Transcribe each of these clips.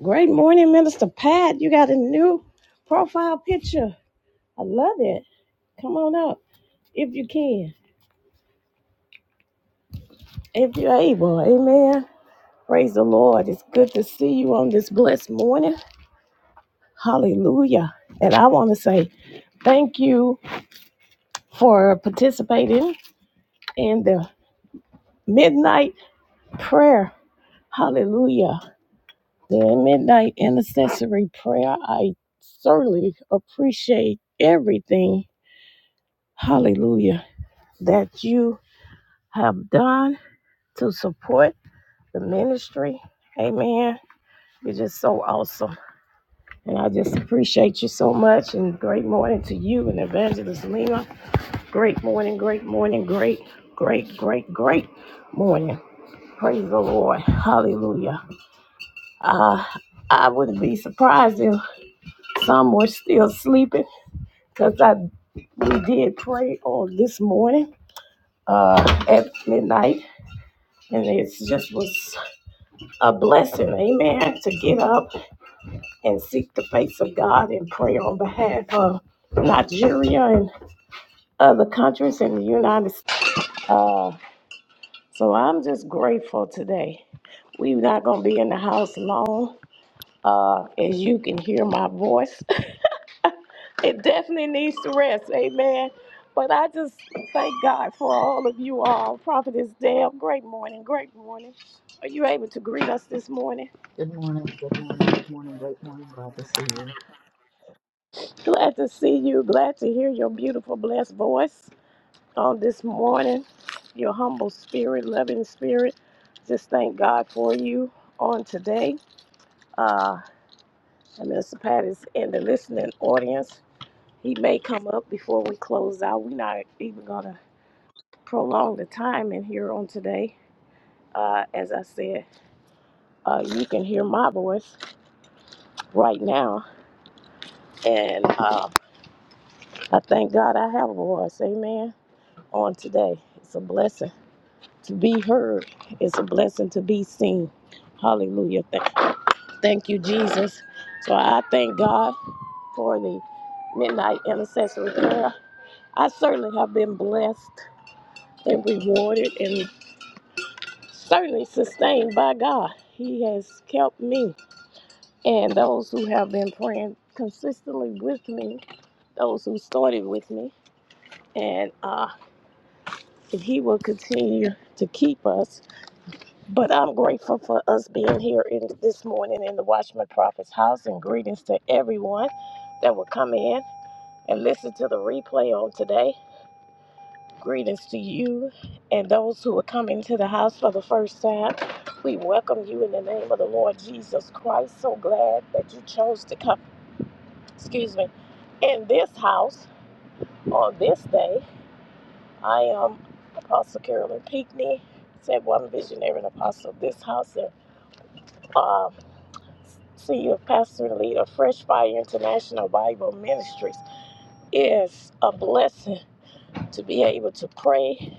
Great morning, Minister Pat. You got a new profile picture. I love it. Come on up if you can, if you're able. Amen. Praise the Lord. It's good to see you on this blessed morning. Hallelujah. And I want to say thank you for participating in the midnight prayer. Hallelujah. The midnight intercessory prayer. I certainly appreciate everything. Hallelujah that you have done to support the ministry. Amen. You're just so awesome. And I just appreciate you so much. And great morning to you and Evangelist Lima. Great morning, great morning, great, great, great, great morning. Praise the Lord. Hallelujah. Uh, I wouldn't be surprised if some were still sleeping because I we did pray on this morning uh, at midnight, and it's just was a blessing, amen, to get up and seek the face of God and pray on behalf of Nigeria and other countries in the United States. Uh, so I'm just grateful today. We're not going to be in the house long. Uh, as you can hear my voice, it definitely needs to rest, amen. But I just thank God for all of you all. Prophetess Deb, great morning, great morning. Are you able to greet us this morning? Good morning, good morning, good morning, great morning. Glad to see you. Glad to see you. Glad to hear your beautiful, blessed voice on this morning. Your humble spirit, loving spirit. Just thank God for you on today. Uh, and Mr. Pat is in the listening audience. He may come up before we close out. We're not even going to prolong the time in here on today. Uh, as I said, uh, you can hear my voice right now. And uh, I thank God I have a voice. Amen. On today. It's a blessing. To be heard is a blessing to be seen. Hallelujah. Th- Thank you, Jesus. So I thank God for the midnight intercessory prayer. I certainly have been blessed and rewarded and certainly sustained by God. He has kept me and those who have been praying consistently with me, those who started with me. And uh, if He will continue to keep us, But I'm grateful for us being here in this morning in the Watchman Prophet's house and greetings to everyone that will come in and listen to the replay on today. Greetings to you and those who are coming to the house for the first time. We welcome you in the name of the Lord Jesus Christ. So glad that you chose to come, excuse me, in this house on this day. I am Apostle Carolyn Pinckney, said one visionary and apostle of this house. And um. See you, Pastor and Leader. Fresh Fire International Bible Ministries. It's a blessing to be able to pray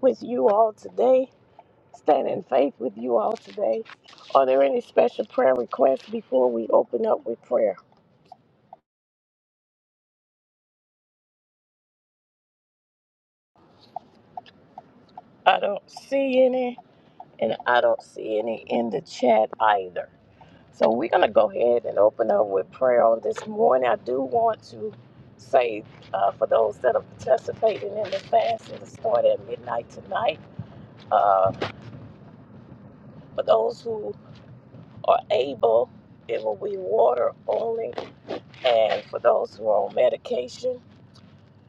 with you all today, stand in faith with you all today. Are there any special prayer requests before we open up with prayer? I don't see any, and I don't see any in the chat either. So we're going to go ahead and open up with prayer on this morning. I do want to say uh, for those that are participating in the fast, it'll start at midnight tonight. Uh, for those who are able, it will be water only. And for those who are on medication,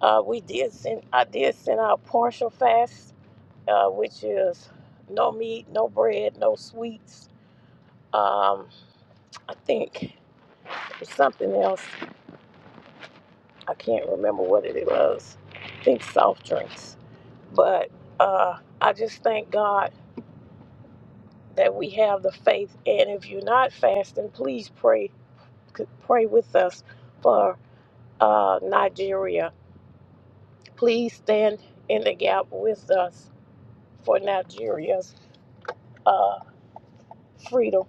uh, we did send, I did send out partial fast, uh, which is no meat, no bread, no sweets. Um, I think something else. I can't remember what it was. I think soft drinks. But uh, I just thank God that we have the faith. And if you're not fasting, please pray. Pray with us for uh, Nigeria. Please stand in the gap with us for Nigeria's uh, freedom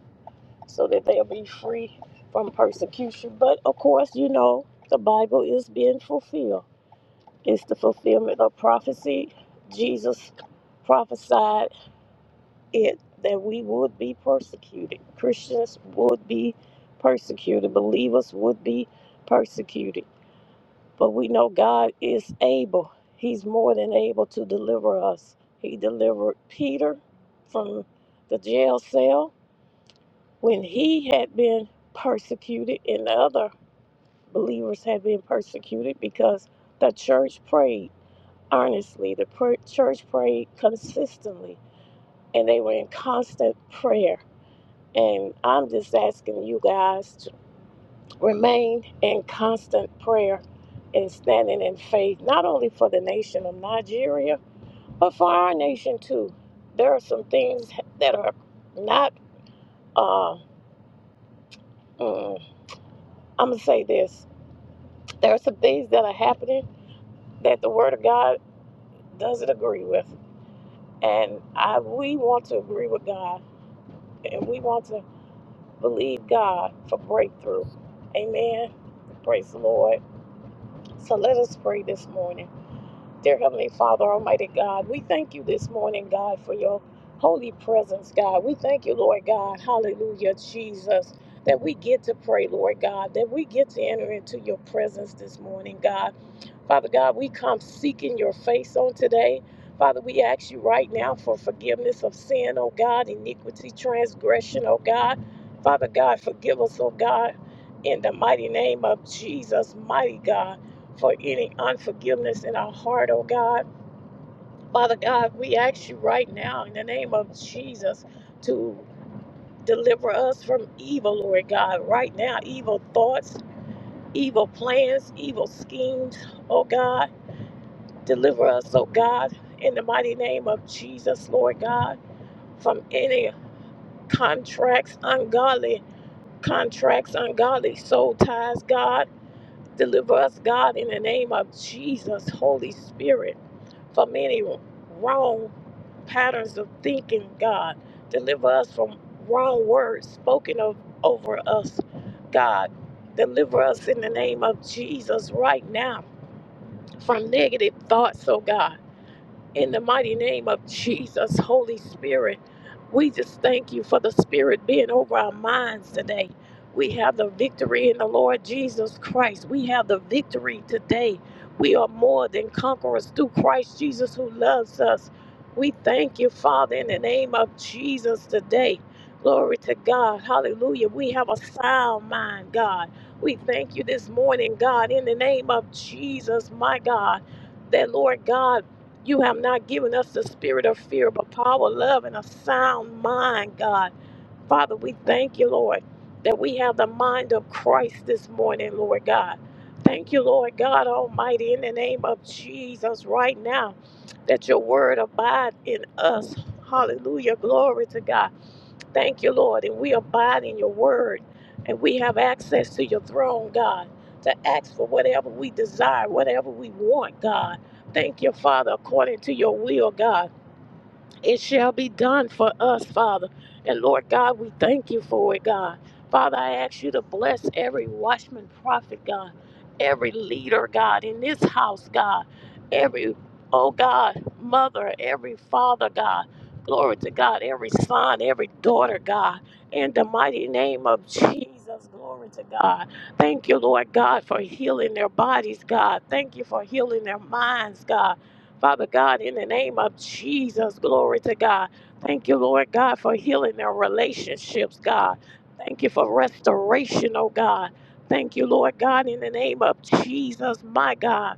so that they'll be free from persecution. But of course, you know, the Bible is being fulfilled. It's the fulfillment of prophecy. Jesus prophesied it that we would be persecuted. Christians would be persecuted. Believers would be persecuted. But we know God is able. He's more than able to deliver us. He delivered Peter from the jail cell when he had been persecuted and the other believers had been persecuted because the church prayed earnestly. The pr- church prayed consistently, and they were in constant prayer. And I'm just asking you guys to remain in constant prayer and standing in faith, not only for the nation of Nigeria, but for our nation too. There are some things that are not, uh, mm, I'm going to say this. There are some things that are happening that the Word of God doesn't agree with. And I, we want to agree with God, and we want to Believe God for breakthrough. Amen. Praise the Lord. So let us pray this morning. Dear Heavenly Father, Almighty God, we thank you this morning, God, for your holy presence, God. We thank you, Lord God. Hallelujah, Jesus. That we get to pray, Lord God, that we get to enter into your presence this morning, God. Father God, we come seeking your face on today. Father, we ask you right now for forgiveness of sin, oh God, iniquity, transgression, oh God. Father God, forgive us, oh God, in the mighty name of Jesus, mighty God, for any unforgiveness in our heart, oh God. Father God, we ask you right now in the name of Jesus to deliver us from evil, Lord God, right now, evil thoughts, evil plans, evil schemes, oh God. Deliver us, oh God, in the mighty name of Jesus, Lord God, from any contracts, ungodly contracts, ungodly soul ties, God. Deliver us, God, in the name of Jesus, Holy Spirit, from any wrong patterns of thinking, God. Deliver us from wrong words spoken of, over us, God. Deliver us in the name of Jesus right now from negative thoughts, oh God In the mighty name of Jesus, Holy Spirit, we just thank you for the Spirit being over our minds today. We have the victory in the Lord Jesus Christ. We have the victory today. We are more than conquerors through Christ Jesus who loves us. We thank you, Father, in the name of Jesus today. Glory to God. Hallelujah. We have a sound mind, God. We thank you this morning, God, in the name of Jesus, my God that Lord God you have not given us the spirit of fear, but power, love, and a sound mind, God. Father, we thank you, Lord, that we have the mind of Christ this morning, Lord God. Thank you, Lord God Almighty, in the name of Jesus, right now, that your word abide in us. Hallelujah. Glory to God. Thank you, Lord. And we abide in your word and we have access to your throne, God, to ask for whatever we desire, whatever we want, God. Thank you, Father, according to your will, God it shall be done for us, Father. And Lord God, we thank you for it, God. Father, I ask you to bless every watchman, prophet, God, every leader, God, in this house, God, every, oh God, mother, every father, God. Glory to God, every son, every daughter, God, in the mighty name of Jesus, glory to God. Thank you, Lord God, for healing their bodies, God. Thank you for healing their minds, God. Father God, in the name of Jesus, glory to God. Thank you, Lord God, for healing their relationships, God. Thank you for restoration, oh God. Thank you, Lord God, in the name of Jesus, my God.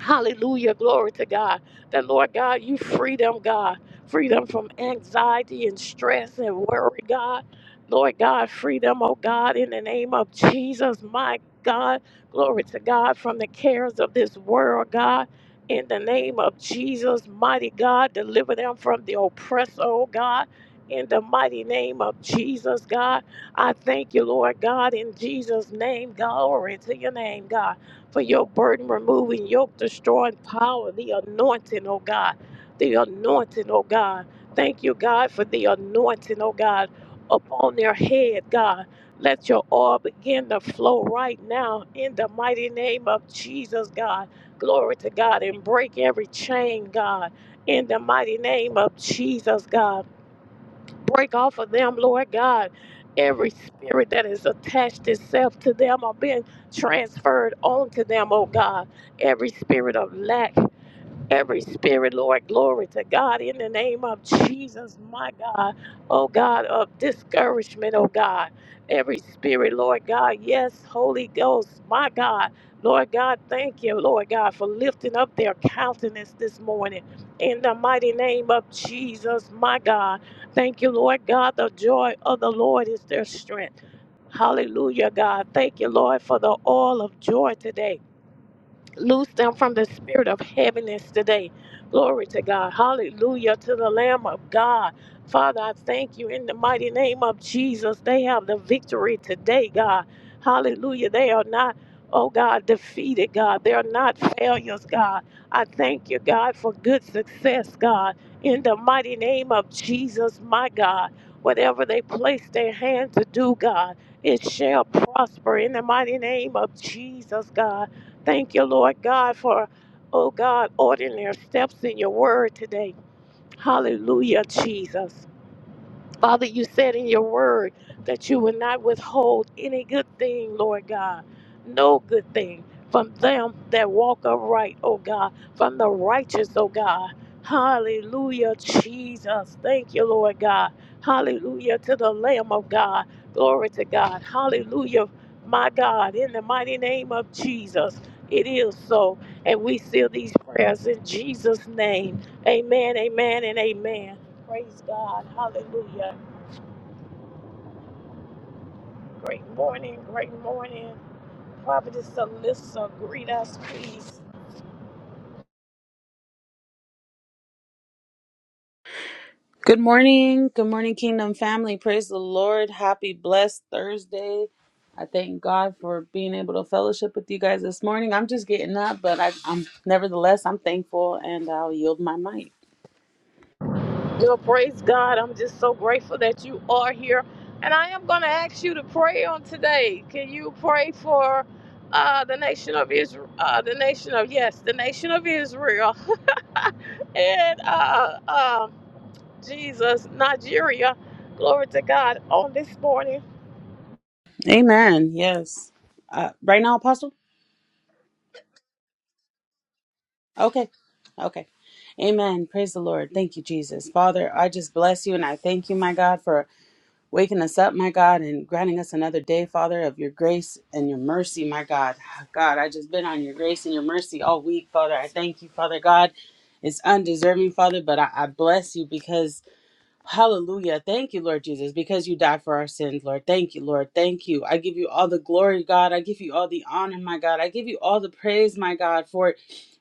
Hallelujah. Glory to God. That Lord God, you free them, God. Free them from anxiety and stress and worry, God. Lord God, free them, oh God, in the name of Jesus, my God. Glory to God from the cares of this world, God. In the name of Jesus, mighty God, deliver them from the oppressor, oh God. In the mighty name of Jesus, God. I thank you, Lord God, in Jesus' name. Glory to your name, God for your burden removing, yoke destroying power, the anointing, oh God. The anointing, oh God. Thank you, God, for the anointing, oh God, upon their head, God. Let your oil begin to flow right now in the mighty name of Jesus, God. Glory to God and break every chain, God, in the mighty name of Jesus, God break off of them, Lord God. Every spirit that has attached itself to them or been transferred onto them, oh God. Every spirit of lack every spirit, Lord. Glory to God in the name of Jesus, my God. Oh God, of discouragement, oh God. Every spirit, Lord God. Yes, Holy Ghost, my God. Lord God, thank you, Lord God, for lifting up their countenance this morning. In the mighty name of Jesus, my God. Thank you, Lord God. The joy of the Lord is their strength. Hallelujah, God. Thank you, Lord, for the oil of joy today. Loose them from the spirit of heaviness today. Glory to God. Hallelujah to the Lamb of God. Father, I thank you in the mighty name of Jesus. They have the victory today, God. Hallelujah. They are not, oh God, defeated, God. They are not failures, God. I thank you, God, for good success, God. In the mighty name of Jesus, my God. Whatever they place their hand to do, God, it shall prosper in the mighty name of Jesus, God. Thank you, Lord God, for, oh God, ordering their steps in your word today. Hallelujah, Jesus. Father, you said in your word that you would not withhold any good thing, Lord God, no good thing from them that walk upright, oh God, from the righteous, oh God. Hallelujah, Jesus. Thank you, Lord God. Hallelujah to the Lamb of God. Glory to God. Hallelujah, my God, in the mighty name of Jesus. It is so. And we seal these prayers in Jesus' name. Amen, amen, and amen. Praise God. Hallelujah. Great morning, great morning. Prophetess Alyssa, greet us, please. Good morning. Good morning, Kingdom family. Praise the Lord. Happy, blessed Thursday. I thank God for being able to fellowship with you guys this morning. I'm just getting up, but I, I'm nevertheless, I'm thankful and I'll yield my might. Well, praise God. I'm just so grateful that you are here. And I am going to ask you to pray on today. Can you pray for uh, the nation of Israel? Uh, the nation of, yes, the nation of Israel and uh, uh, Jesus, Nigeria. Glory to God on this morning. Amen. Yes. Uh, right now, Apostle? Okay. Okay. Amen. Praise the Lord. Thank you, Jesus. Father, I just bless you and I thank you, my God, for waking us up, my God, and granting us another day, Father, of your grace and your mercy, my God. God, I just been on your grace and your mercy all week, Father. I thank you, Father God. It's undeserving, Father, but I, I bless you because, hallelujah. Thank you, Lord Jesus, because you died for our sins, Lord. Thank you, Lord. Thank you. I give you all the glory, God. I give you all the honor, my God. I give you all the praise, my God, for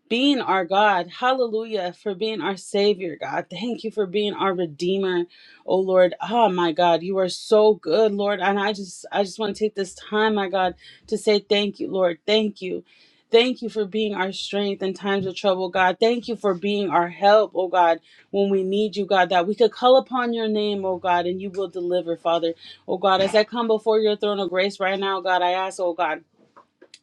being our God. Hallelujah for being our Savior, God. Thank you for being our Redeemer, oh Lord. Oh my God, you are so good, Lord. And I just, I just want to take this time, my God, to say thank you, Lord. Thank you. Thank you for being our strength in times of trouble, God. Thank you for being our help, oh God, when we need you, God, that we could call upon your name, oh God, and you will deliver, Father. Oh God, as I come before your throne of grace right now, God, I ask, oh God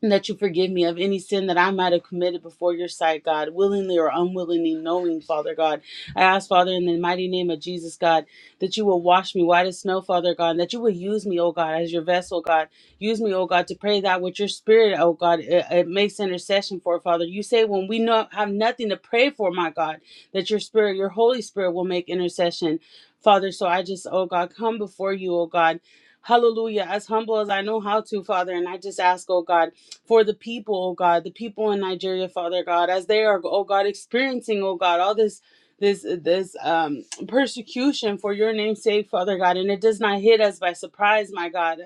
and that you forgive me of any sin that I might have committed before your sight, God, willingly or unwillingly, knowing, Father God. I ask, Father, in the mighty name of Jesus, God, that you will wash me white as snow, Father God, and that you will use me, oh God, as your vessel, God. Use me, oh God, to pray that with your spirit, oh God, it, it makes intercession for, Father. You say when we no, have nothing to pray for, my God, that your spirit, your Holy Spirit will make intercession, Father. So I just, oh God, come before you, oh God. Hallelujah, as humble as I know how to, Father. And I just ask, oh God for the people, oh God, the people in Nigeria, Father God, as they are, oh God, experiencing, oh God, all this this this um persecution for your name's sake, Father God, and it does not hit us by surprise, my God.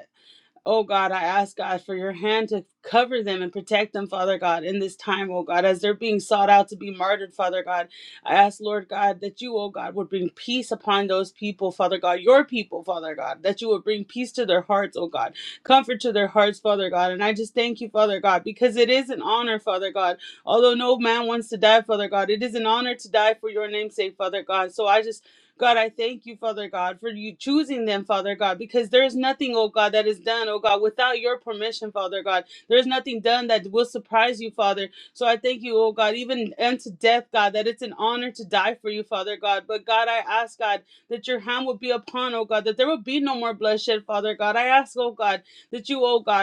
Oh God, I ask God for your hand to cover them and protect them, Father God, in this time, oh God, as they're being sought out to be martyred, Father God. I ask, Lord God, that you, oh God, would bring peace upon those people, Father God, your people, Father God, that you would bring peace to their hearts, oh God, comfort to their hearts, Father God. And I just thank you, Father God, because it is an honor, Father God. Although no man wants to die, Father God, it is an honor to die for your name's sake, Father God. So I just God, I thank you, Father God, for you choosing them, Father God, because there is nothing, oh God, that is done, oh God, without your permission, Father God. There is nothing done that will surprise you, Father. So I thank you, oh God, even unto death, God, that it's an honor to die for you, Father God. But God, I ask, God, that your hand would be upon, oh God, that there would be no more bloodshed, Father God. I ask, oh God, that you, oh God,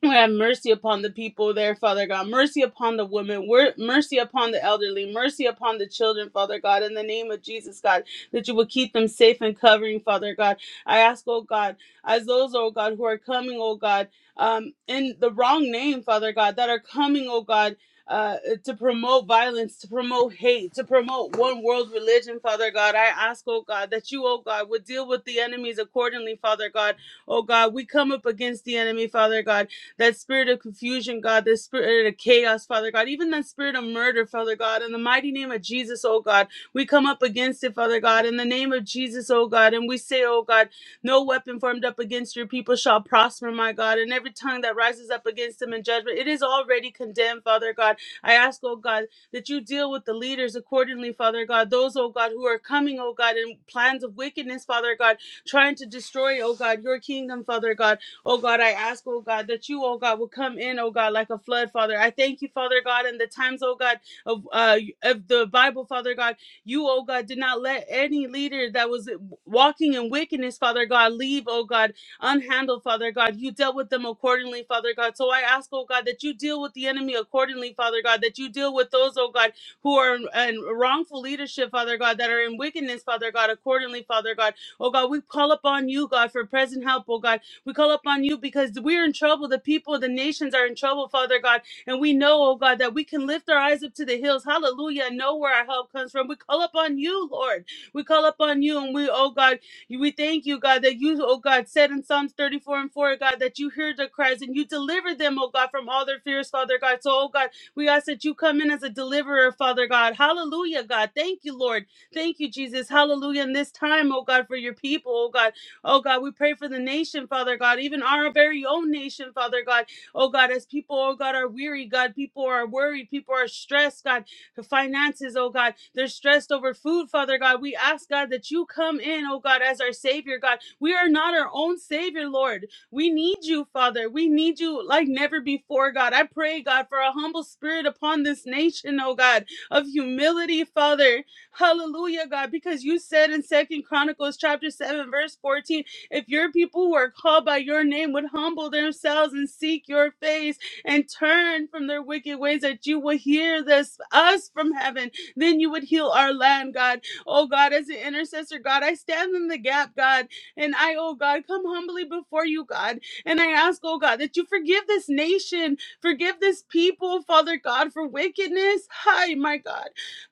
We have mercy upon the people there, Father God. Mercy upon the women. Mercy upon the elderly. Mercy upon the children, Father God. In the name of Jesus, God, that you would keep them safe and covering, Father God. I ask, oh God, as those, oh God, who are coming, oh God, um, in the wrong name, Father God, that are coming, oh God. Uh, to promote violence, to promote hate, to promote one world religion, Father God. I ask, oh God, that you, oh God, would deal with the enemies accordingly, Father God. Oh God, we come up against the enemy, Father God that spirit of confusion, God, that spirit of chaos, Father God, even that spirit of murder, Father God, in the mighty name of Jesus, oh God, we come up against it, Father God, in the name of Jesus, oh God, and we say, oh God, no weapon formed up against your people shall prosper, my God, and every tongue that rises up against them in judgment, it is already condemned, Father God. I ask, oh God, that you deal with the leaders accordingly, Father God, those, oh God, who are coming, oh God, in plans of wickedness, Father God, trying to destroy, oh God, your kingdom, Father God. Oh God, I ask, oh God, that you, oh God, will come in, oh God, like a flood, Father. I thank you, Father God, in the times, oh God, of uh of the Bible, Father God. You, oh God, did not let any leader that was walking in wickedness, Father God, leave, oh God, unhandled, Father God. You dealt with them accordingly, Father God. So I ask, oh God, that you deal with the enemy accordingly, Father God, that you deal with those, oh God, who are in, in wrongful leadership, Father God, that are in wickedness, Father God, accordingly, Father God. Oh God, we call upon you, God, for present help, oh God. We call upon you because we're in trouble. The people, the nations are in trouble, Father God. And we know, oh God, that we can lift our eyes up to the hills. Hallelujah. And know where our help comes from. We call upon you, Lord. We call upon you. And we, oh God, we thank you, God, that you, oh God, said in Psalms 34 and 4, God, that you hear their cries and you deliver them, oh God, from all their fears, Father God. So, oh God, we ask that you come in as a deliverer, Father God. Hallelujah, God. Thank you, Lord. Thank you, Jesus. Hallelujah. In this time, oh God, for your people, oh God. Oh God, we pray for the nation, Father God, even our very own nation, Father God. Oh God, as people, oh God, are weary, God, people are worried, people are stressed, God, the finances, oh God, they're stressed over food, Father God. We ask, God, that you come in, oh God, as our Savior, God. We are not our own Savior, Lord. We need you, Father. We need you like never before, God. I pray, God, for a humble spirit upon this nation, oh God, of humility, Father. Hallelujah, God, because you said in Second Chronicles chapter 7, verse 14, if your people who are called by your name would humble themselves and seek your face and turn from their wicked ways, that you will hear this us from heaven, then you would heal our land, God. Oh God, as an intercessor, God, I stand in the gap, God, and I, oh God, come humbly before you, God. And I ask, oh God, that you forgive this nation, forgive this people, Father God, for wickedness. Hi, my God.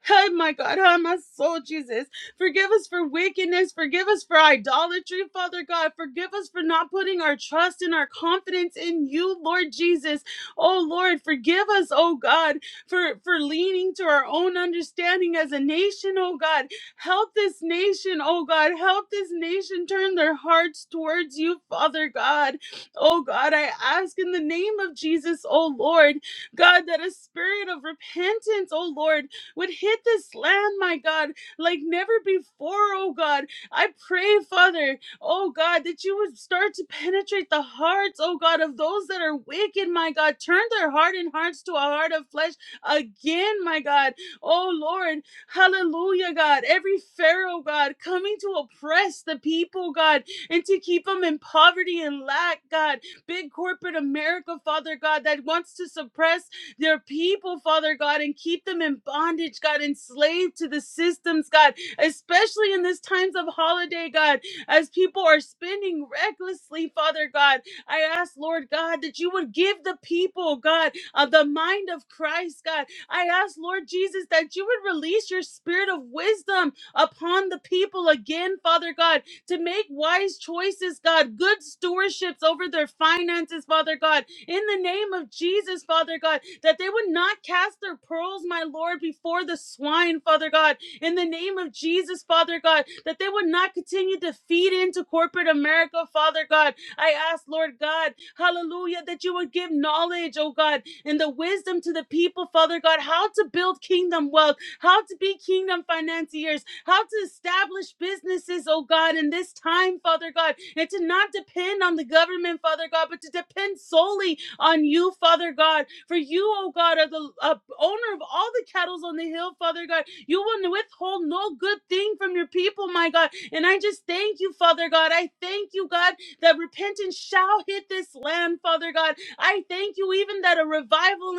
Oh my God, oh my soul, Jesus. Forgive us for wickedness. Forgive us for idolatry, Father God. Forgive us for not putting our trust and our confidence in you, Lord Jesus. Oh Lord, forgive us, oh God, for, for leaning to our own understanding as a nation, oh God. Help this nation, oh God. Help this nation turn their hearts towards you, Father God. Oh God, I ask in the name of Jesus, oh Lord, God, that a spirit of repentance, oh Lord, would hit this land, my God, like never before, oh God. I pray, Father, oh God, that you would start to penetrate the hearts, oh God, of those that are wicked, my God. Turn their hardened hearts to a heart of flesh again, my God. Oh Lord, hallelujah, God. Every Pharaoh, God, coming to oppress the people, God, and to keep them in poverty and lack, God. Big corporate America, Father God, that wants to suppress their people, Father God, and keep them in bondage, God, enslaved to the systems, God, especially in this times of holiday, God, as people are spending recklessly, Father God. I ask, Lord God, that you would give the people, God, of the mind of Christ, God. I ask, Lord Jesus, that you would release your spirit of wisdom upon the people again, Father God, to make wise choices, God, good stewardships over their finances, Father God, in the name of Jesus, Father God that they would not cast their pearls, my Lord, before the swine, Father God, in the name of Jesus, Father God, that they would not continue to feed into corporate America, Father God. I ask, Lord God, hallelujah, that you would give knowledge, oh God, and the wisdom to the people, Father God, how to build kingdom wealth, how to be kingdom financiers, how to establish businesses, oh God, in this time, Father God, and to not depend on the government, Father God, but to depend solely on you, Father God. For you, O God, are the uh, owner of all the cattle on the hill, Father God. You will withhold no good thing from your people, my God. And I just thank you, Father God. I thank you, God, that repentance shall hit this land, Father God. I thank you even that a revival,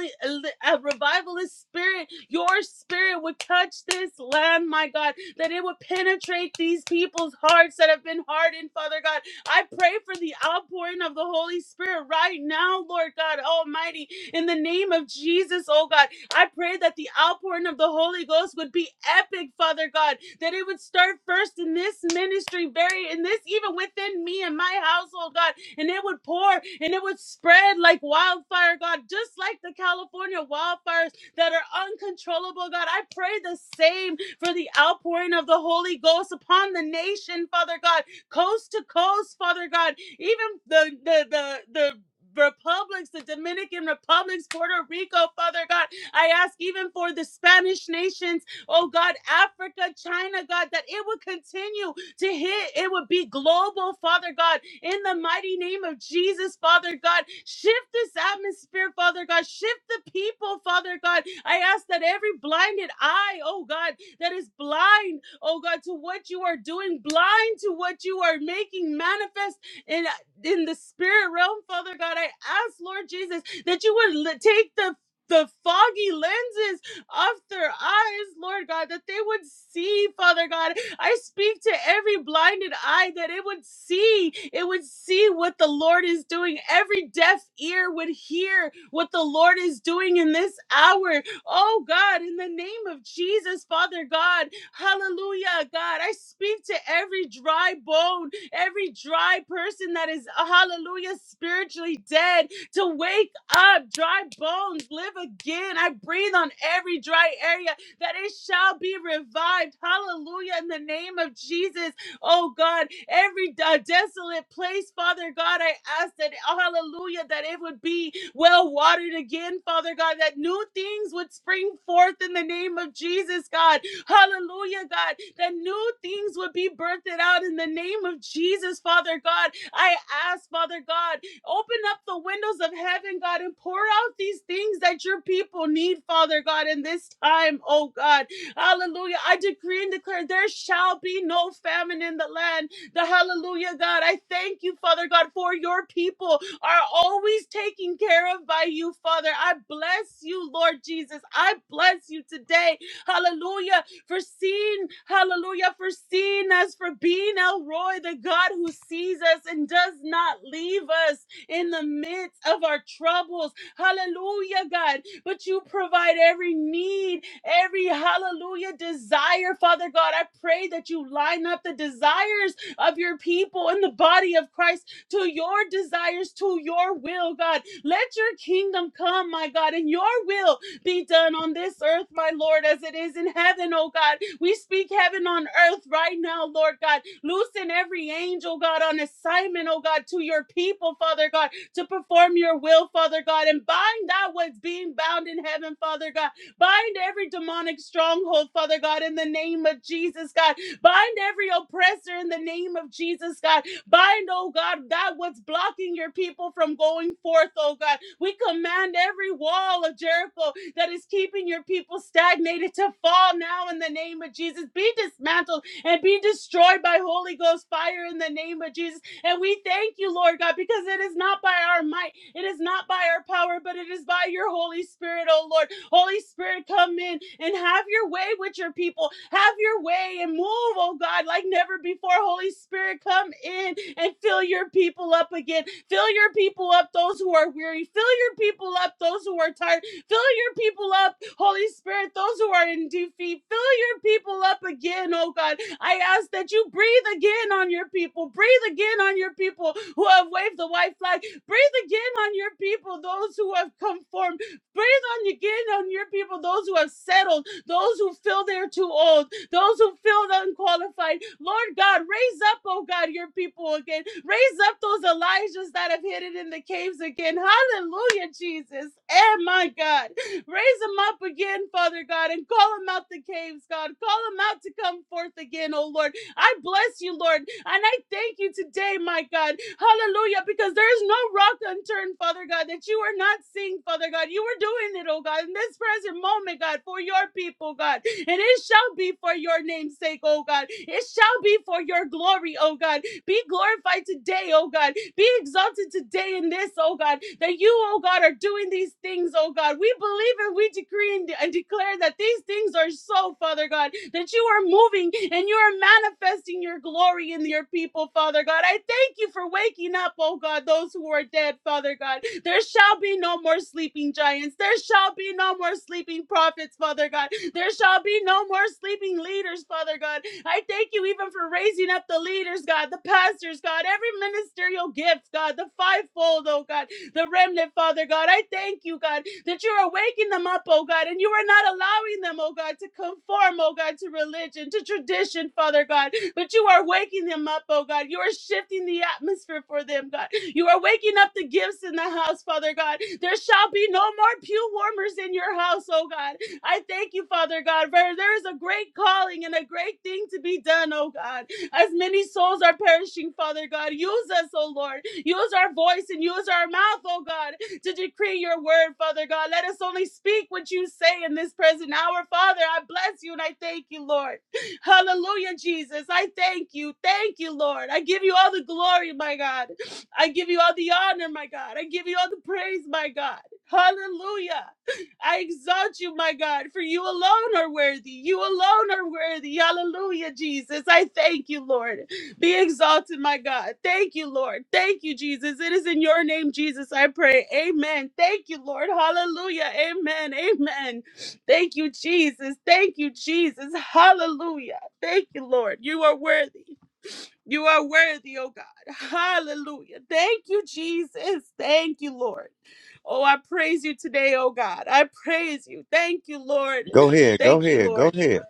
a revivalist spirit, your spirit would touch this land, my God, that it would penetrate these people's hearts that have been hardened, Father God. I pray for the outpouring of the Holy Spirit right now, Lord God Almighty, in the name of Jesus, oh God, I pray that the outpouring of the Holy Ghost would be epic, Father God, that it would start first in this ministry, very in this, even within me and my household, God, and it would pour and it would spread like wildfire, God, just like the California wildfires that are uncontrollable, God. I pray the same for the outpouring of the Holy Ghost upon the nation, Father God, coast to coast, Father God, even the the the the republics, the Dominican republics, Puerto Rico, Father God. I ask even for the Spanish nations, oh God, Africa, China, God, that it would continue to hit. It would be global, Father God, in the mighty name of Jesus, Father God. Shift this atmosphere, Father God. Shift the people, Father God. I ask that every blinded eye, oh God, that is blind, oh God, to what you are doing, blind to what you are making manifest in in the spirit realm, Father God. I ask, Lord Jesus, that you would l- take the the foggy lenses off their eyes, Lord God, that they would see, Father God. I speak to every blinded eye that it would see, it would see what the Lord is doing. Every deaf ear would hear what the Lord is doing in this hour. Oh God, in the name of Jesus, Father God, hallelujah, God. I speak to every dry bone every dry person that is, hallelujah, spiritually dead to wake up, dry bones, live again. I breathe on every dry area that it shall be revived. Hallelujah, in the name of Jesus. Oh God, every uh, desolate place, Father God, I ask that, hallelujah, that it would be well watered again, Father God, that new things would spring forth in the name of Jesus, God. Hallelujah, God, that new things would be birthed out in the name of Jesus, Father God. I ask, Father God, open up the windows of heaven, God, and pour out these things that your people need, Father God, in this time, oh God. Hallelujah. I decree and declare there shall be no famine in the land. The hallelujah, God. I thank you, Father God, for your people are always taken care of by you, Father. I bless you, Lord Jesus. I bless you today. Hallelujah for seeing, hallelujah, for seeing us, for being El Roy, the God who sees us and does not leave us in the midst of our troubles. Hallelujah, God. But you provide every need, every hallelujah desire, Father God. I pray that you line up the desires of your people in the body of Christ to your desires, to your will, God. Let your kingdom come, my God, and your will be done on this earth, my Lord, as it is in heaven, oh God. We speak heaven on earth right now, Lord God. Loosen every angel, God, on assignment, oh God, to your people, Father God, to perform your will, Father God, and bind that what's being bound in heaven, Father God. Bind every demonic stronghold, Father God, in the name of Jesus, God. Bind every oppressor in the name of Jesus, God. Bind, oh God, that what's blocking your people from going forth, oh God. We command every wall of Jericho that is keeping your people stagnated to fall now in the name of Jesus. Be dismantled and be destroyed by Holy Ghost fire in the name of Jesus. And we thank you, Lord God, because it is not by our might, it is not by our power, but it is by your Holy Spirit, oh Lord. Holy Spirit, come in and have your way with your people. Have your way and move, oh God, like never before. Holy Spirit, come in and fill your people up again. Fill your people up, those who are weary. Fill your people up, those who are tired. Fill your people up, Holy Spirit, those who are in defeat. Fill your people up again, oh God. I ask that you breathe again on your people. Breathe again on your people who have waved the white flag. Breathe again on your people, those who have conformed. Breathe on again on your people, those who have settled, those who feel they're too old, those who feel unqualified. Lord God, raise up, oh God, your people again. Raise up those Elijahs that have hidden in the caves again. Hallelujah, Jesus. And my God, raise them up again, Father God, and call them out the caves, God. Call them out to come forth again, oh Lord. I bless you, Lord, and I thank you today, my God. Hallelujah. Because there is no rock unturned, Father God, that you are not seeing, Father God. You are doing it, oh God, in this present moment, God, for your people, God. And it shall be for your name's sake, oh God. It shall be for your glory, oh God. Be glorified today, oh God. Be exalted today in this, oh God, that you, oh God, are doing these things, oh God. We believe and we decree and, de- and declare that these things are so, Father God, that you are moving and you are manifesting your glory in your people, Father God. I thank you for waking up, oh God, those who are dead, Father God. There shall be no more sleeping giants. There shall be no more sleeping prophets, Father God. There shall be no more sleeping leaders, Father God. I thank you even for raising up the leaders, God, the pastors, God, every ministerial gift, God, the fivefold, oh God, the remnant, Father God. I thank you, God, that you are waking them up, oh God, and you are not allowing them, oh God, to conform, oh God, to religion, to tradition, Father God, but you are waking them up, oh God. You are shifting the atmosphere for them, God. You are waking up the gifts in the house, Father God. There shall be no more pew warmers in your house, oh God. I thank you, Father God, for there is a great calling and a great thing to be done, oh God. As many souls are perishing, Father God, use us, oh Lord. Use our voice and use our mouth, oh God, to decree your word, Father God. Let us only speak what you say in this present hour, Father. I bless you and I thank you, Lord. Hallelujah, Jesus. I thank you. Thank you, Lord. I give you all the glory, my God. I give you all the honor, my God. I give you all the praise, my God. Hallelujah. I exalt you, my God, for you alone are worthy. You alone are worthy. Hallelujah, Jesus. I thank you, Lord. Be exalted, my God. Thank you, Lord. Thank you, Jesus. It is in your name, Jesus, I pray. Amen. Thank you, Lord. Hallelujah. Amen. Amen. Thank you, Jesus. Thank you, Jesus. Hallelujah. Thank you, Lord. You are worthy. You are worthy, oh God. Hallelujah. Thank you, Jesus. Thank you, Lord. Oh, I praise you today, oh God. I praise you. Thank you, Lord. Go ahead, go Thank you, ahead, go Lord. ahead.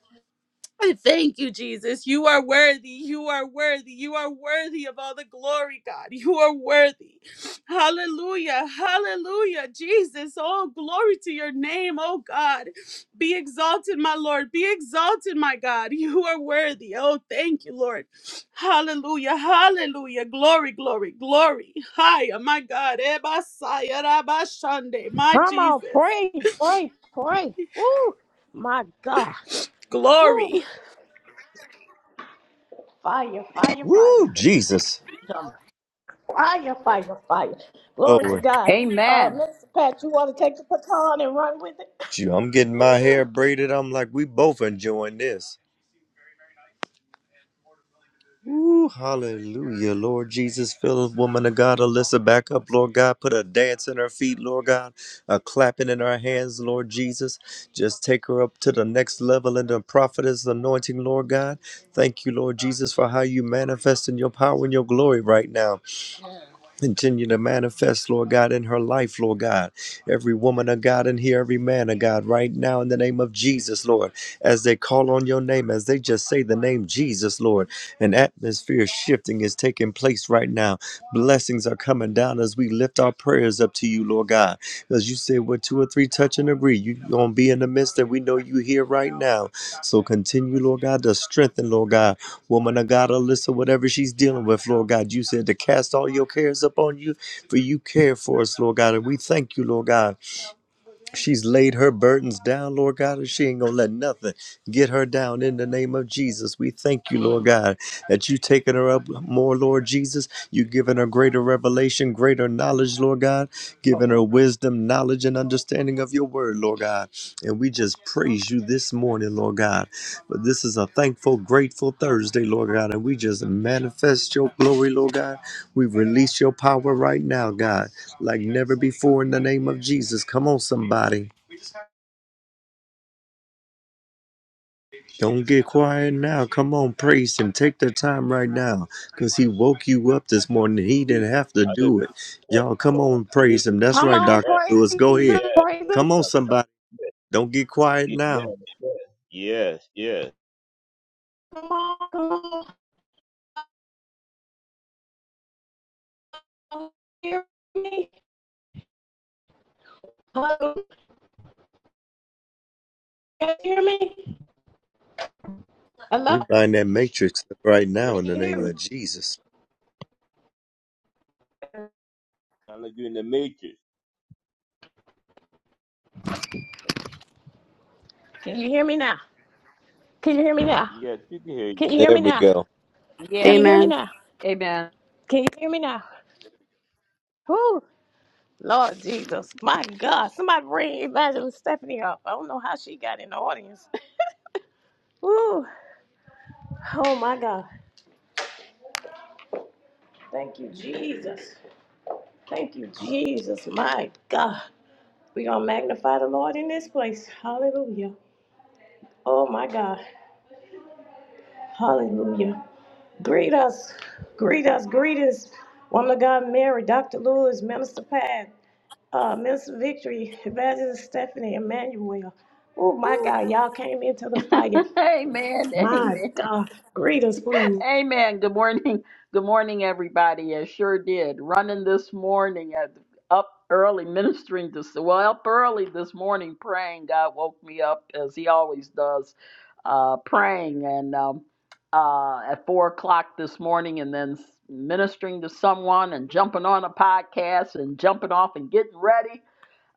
I thank you, Jesus. You are worthy. You are worthy. You are worthy of all the glory, God. You are worthy. Hallelujah. Hallelujah. Jesus, oh, glory to your name, oh God. Be exalted, my Lord. Be exalted, my God. You are worthy. Oh, thank you, Lord. Hallelujah. Hallelujah. Glory, glory, glory. Hiya, my God. Eba Ebasaya rabashande. My Come on, Jesus. pray, pray, pray. Woo, my God. Woo, Glory. fire, fire, fire. Woo, Jesus. Fire, fire, fire. Glory to Glory. God. Uh, Amen. Mr. Pat, you want to take the baton and run with it? Gee, I'm getting my hair braided. I'm like, we both enjoying this. Woo, hallelujah, Lord Jesus. Fill this woman of God, Alyssa, back up, Lord God. Put a dance in her feet, Lord God. A clapping in her hands, Lord Jesus. Just take her up to the next level in the prophetess anointing, Lord God. Thank you, Lord Jesus, for how you manifest in your power and your glory right now. Continue to manifest, Lord God, in her life, Lord God. Every woman of God in here, every man of God, right now, in the name of Jesus, Lord, as they call on your name, as they just say the name Jesus, Lord, an atmosphere shifting is taking place right now. Blessings are coming down as we lift our prayers up to you, Lord God. because you said, where two or three touch and agree, you're going to be in the midst, and we know you here right now. So continue, Lord God, to strengthen, Lord God. Woman of God, Alyssa, whatever she's dealing with, Lord God, you said to cast all your cares upon you, for you care for us, Lord God. And we thank you, Lord God. She's laid her burdens down, Lord God, and she ain't gonna let nothing get her down in the name of Jesus. We thank you, Lord God, that you taking her up more, Lord Jesus. you giving her greater revelation, greater knowledge, Lord God, giving her wisdom, knowledge, and understanding of your word, Lord God. And we just praise you this morning, Lord God. But this is a thankful, grateful Thursday, Lord God, and we just manifest your glory, Lord God. We release your power right now, God like never before in the name of Jesus. Come on, somebody. Don't get quiet now. Come on, praise Him. Take the time right now because He woke you up this morning. He Hallelujah. didn't have to do it. Hallelujah. Yes, Y'all, come Lord. on, Hallelujah. praise Him. That's Come right, on, Dr. Amen. praise Lewis. Go ahead. him, Yes. praise Oh, him. Come on, Shaka. somebody. Don't get quiet Yes. now. Amen. Yes. Yes. Yes. Come on, come on. Hear me? Hello? Can you hear me? We Hello? bind that matrix right Yes. now Can in the we you can hear name hear you. me? of Jesus. Sound like you're in the matrix. Can you hear me now? Can you hear me now? Yes, we can hear you. Can you hear There me we now? go. Can Yes. you hear me Amen. now? Amen. Can you hear me now? Woo! Lord Jesus, my God. Somebody bring Evangelist Stephanie up. I don't know how she got in the audience. Woo! Oh my God. Thank you, Jesus. Thank you, Jesus. My God. We're going to magnify the Lord in this place. Hallelujah. Oh, my God. Hallelujah. Greet us. Greet us. Greetings. Woman of God, Mary, Dr. Lewis, Minister Pat, uh, Minister Victory, Evangelist Stephanie, Emmanuel. Oh, my God. Y'all came into the fire. Amen. My Amen. God. Greet us, please. Amen. Good morning. Good morning, everybody. I sure did. Running this morning at up early ministering to well up early this morning praying. God woke me up as He always does, uh, praying and um, uh, at four o'clock this morning, and then s- ministering to someone and jumping on a podcast and jumping off and getting ready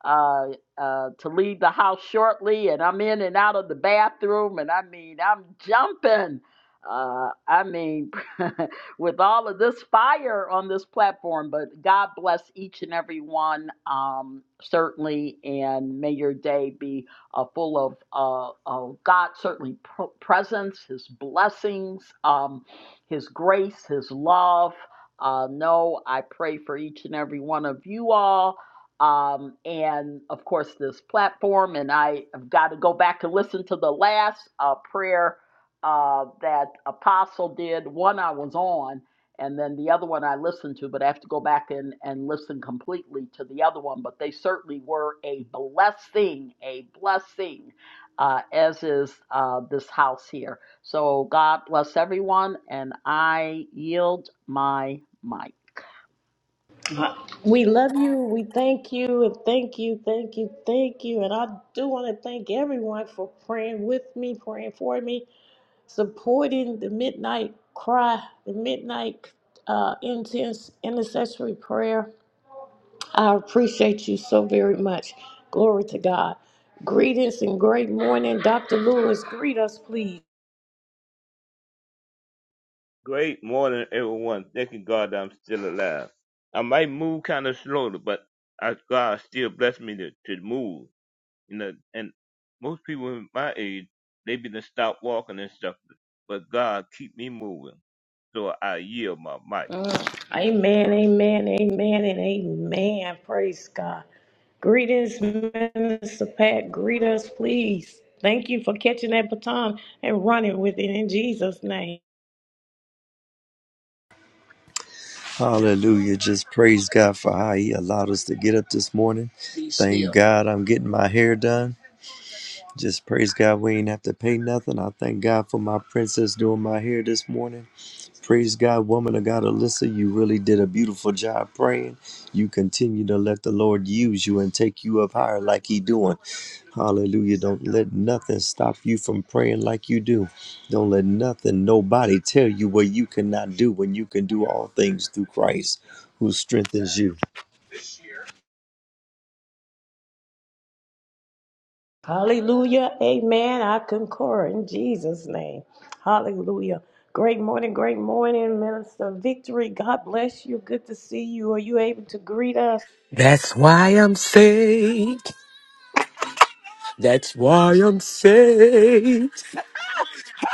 uh, uh, to leave the house shortly, and I'm in and out of the bathroom, and I mean, I'm jumping. Uh, I mean, with all of this fire on this platform, but God bless each and every one, um, certainly, and may your day be uh, full of, uh, of God, certainly, pr- presence, His blessings, um, His grace, His love. Uh, no, I pray for each and every one of you all um, and of course this platform. And I have got to go back and listen to the last uh, prayer uh, that Apostle did. One I was on, and then the other one I listened to, but I have to go back and, and listen completely to the other one. But they certainly were a blessing, a blessing. Uh, as is uh, this house here. So God bless everyone, and I yield my mic. We love you. We thank you and thank you, thank you, thank you. And I do want to thank everyone for praying with me, praying for me. supporting the midnight cry, the midnight uh, intense intercessory prayer. I appreciate you so very much. Glory to God. Greetings and great morning, Dr. Lewis. Greet us, please. Great morning, everyone. Thanking God that I'm still alive. I might move kind of slowly, but I, God still blessed me to, to move. You know, and most people in my age, they be to stop walking and stuff, but God keep me moving. So I yield my mic. Mm. Amen, amen, amen, and amen. Praise God. Greetings, Minister Pat. Greet us, please. Thank you for catching that baton and running with it in Jesus' name. Hallelujah. Just praise God for how He allowed us to get up this morning. Thank God I'm getting my hair done. Just praise God, we ain't have to pay nothing. I thank God for my princess doing my hair this morning. Praise God, woman of God, Alyssa, you really did a beautiful job praying. You continue to let the Lord use you and take you up higher like He doing. Hallelujah. Don't let nothing stop you from praying like you do. Don't let nothing, nobody tell you what you cannot do when you can do all things through Christ who strengthens you. Hallelujah. Amen. I concur in Jesus' name. Hallelujah. Great morning, great morning, Minister Victory. God bless you. Good to see you. Are you able to greet us? That's why I'm saved. That's why I'm saved.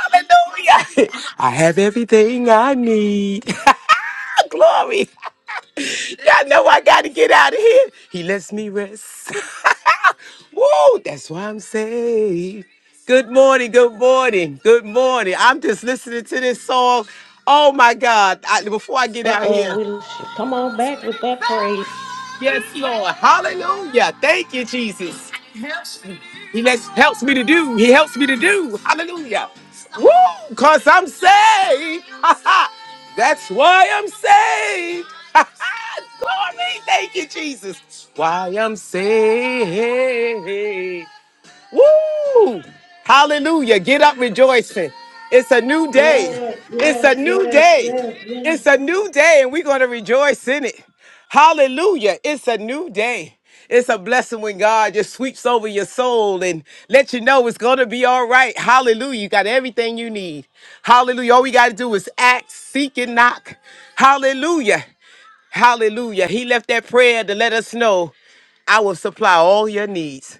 Hallelujah. I have everything I need. Glory. Y'all know I got to get out of here. He lets me rest. Woo, that's why I'm saved. Good morning, good morning, good morning. I'm just listening to this song. Oh my God. I, before I get Uh out oh, here. we will come on back with that praise. Yes, Lord. Hallelujah. Thank you, Jesus. He makes, helps me to do. He helps me to do. Hallelujah. Woo! Cause I'm saved. Ha, ha. That's why I'm saved. Ha, ha. Glory. Thank you, Jesus. Why I'm saved. Woo! Hallelujah. Get up rejoicing. It's a new day. Yes, It's a yes, new yes, day. yes, It's a yes. new day, and we're going to rejoice in it. Hallelujah. It's a new day. It's a blessing when God just sweeps over your soul and let you know it's going to be all right. Hallelujah. You got everything you need. Hallelujah. All we got to do is act, seek, and knock. Hallelujah. Hallelujah. He left that prayer to let us know I will supply all your needs.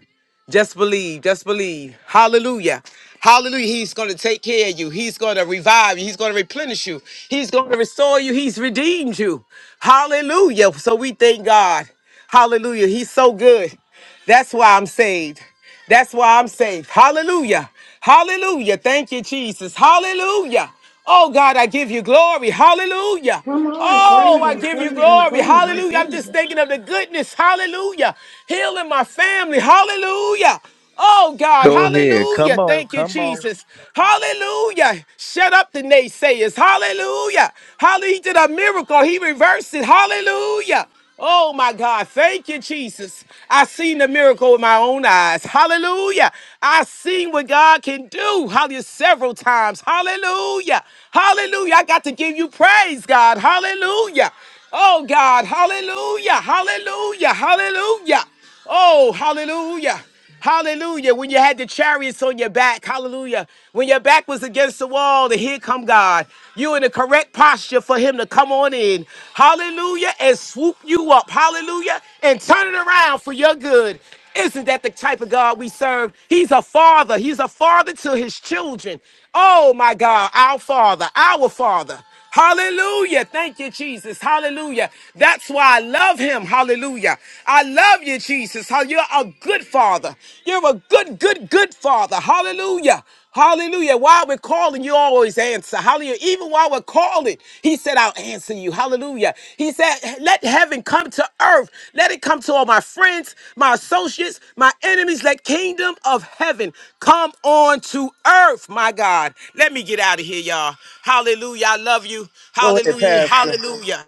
Just believe, just believe. Hallelujah. Hallelujah. He's going to take care of you. He's going to revive you. He's going to replenish you. He's going to restore you. He's redeemed you. Hallelujah. So we thank God. Hallelujah. He's so good. That's why I'm saved. That's why I'm saved. Hallelujah. Hallelujah. Thank you, Jesus. Hallelujah. Oh, God, I give you glory. Hallelujah. Come on, Oh, praise I him, give you praise him, glory. praise him, Hallelujah. I'm praise just him. thinking of the goodness. Hallelujah. Healing my family. Hallelujah. Oh God, Go ahead. hallelujah. Come on. Thank you, Come on. Jesus. Hallelujah. Shut up the naysayers. Hallelujah. Hallelujah. He did a miracle. He reversed it. Hallelujah. Oh my God. Thank you, Jesus. I seen the miracle with my own eyes. Hallelujah. I seen what God can do. Hallelujah. Several times. Hallelujah. Hallelujah. I got to give you praise, God. Hallelujah. Oh God. Hallelujah. Hallelujah. Hallelujah. Oh, hallelujah. Hallelujah. When you had the chariots on your back, hallelujah. When your back was against the wall, and here come God. You in the correct posture for him to come on in. Hallelujah. And swoop you up. Hallelujah. And turn it around for your good. Isn't that the type of God we serve? He's a father. He's a father to his children. Oh my God, our father, our father. Hallelujah. Thank you, Jesus. Hallelujah. That's why I love him. Hallelujah. I love you, Jesus. How you're a good father. You're a good, good, good father. Hallelujah. Hallelujah. While we're calling, you always answer. Hallelujah. Even while we're calling, he said, I I'll answer you. Hallelujah. He said, Let heaven come to earth. Let it come to all my friends, my associates, my enemies. Let kingdom of heaven come on to earth, my God. Let me get out of here, y'all. Hallelujah. I love you. Go ahead, Hallelujah. Pastor. Hallelujah.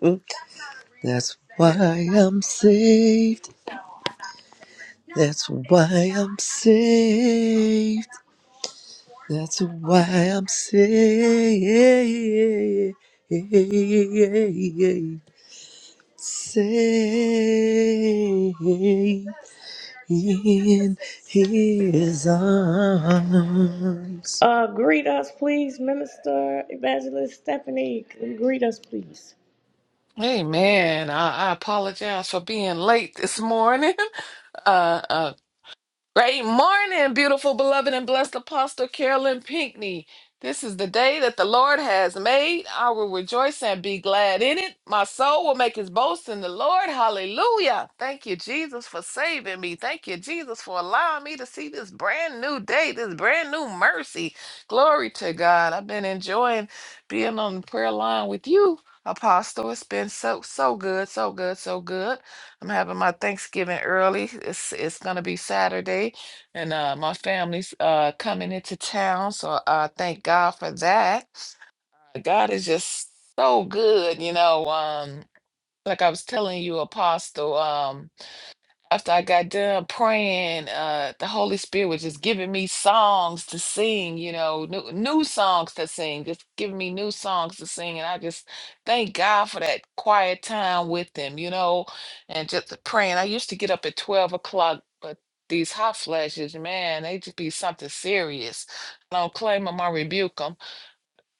Hmm? That's why I'm saved. That's why I'm saved. That's why I'm saved. Saved in His arms. Uh, greet us, please, Minister Evangelist Stephanie. Greet us, please. Hey man, I, I apologize for being late this morning. Uh, uh, Great morning, beautiful, beloved, and blessed Apostle Carolyn Pinckney. This is the day that the Lord has made. I will rejoice and be glad in it. My soul will make his boast in the Lord. Hallelujah. Thank you, Jesus, for saving me. Thank you, Jesus, for allowing me to see this brand new day, this brand new mercy. Glory to God. I've been enjoying being on the prayer line with you, Apostle. It's been so, so good, so good, so good. I'm having my Thanksgiving early. It's it's gonna be Saturday, and uh, my family's uh, coming into town, so I thank God for that. Uh, God is just so good, you know. Um, like I was telling you, Apostle. Um, after I got done praying, uh, the Holy Spirit was just giving me songs to sing, you know, new, new songs to sing, just giving me new songs to sing. And I just thank God for that quiet time with Him, you know, and just praying. I used to get up at 12 o'clock, but these hot flashes, man, they just be something serious. I don't claim them, I rebuke 'em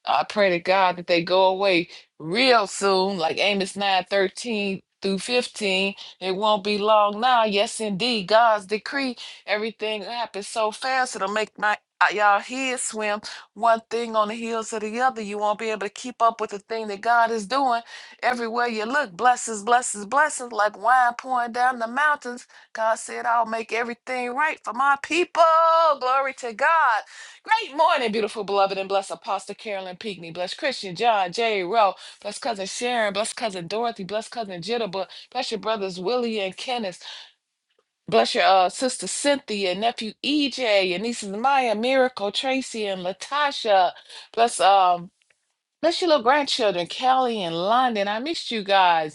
I pray to God that they go away real soon, like Amos 9 13 through 15. It won't be long now. Yes, indeed. God's decree. Everything happens so fast, it'll make my uh, y'all head swim one thing on the heels of the other. You won't be able to keep up with the thing that God is doing. Everywhere you look, blessings, blessings, blessings, like wine pouring down the mountains. God said, I'll make everything right for my people. Glory to God. Great morning, beautiful, beloved, and blessed Apostle Carolyn Pinckney. Bless Christian John J. Rowe. Bless Cousin Sharon. Bless Cousin Dorothy. Bless Cousin Jitterbug. Bless your brothers Willie and Kenneth. Bless your uh, sister Cynthia, nephew EJ, and nieces Maya, Miracle, Tracy, and Latasha. Bless um, bless your little grandchildren, Callie and London. I missed you guys.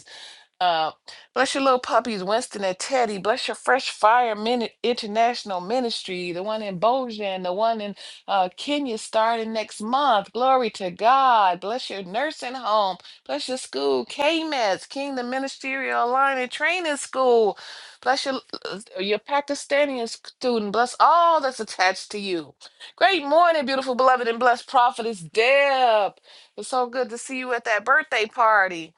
Uh, bless your little puppies, Winston and Teddy. Bless your Fresh Fire Min- International Ministry, the one in Bojan, and the one in uh, Kenya starting next month. Glory to God. Bless your nursing home. Bless your school, KMES, Kingdom Ministerial Alignment Training School. Bless your, uh, your Pakistani student. Bless all that's attached to you. Great morning, beautiful, beloved, and blessed prophetess Deb. It's so good to see you at that birthday party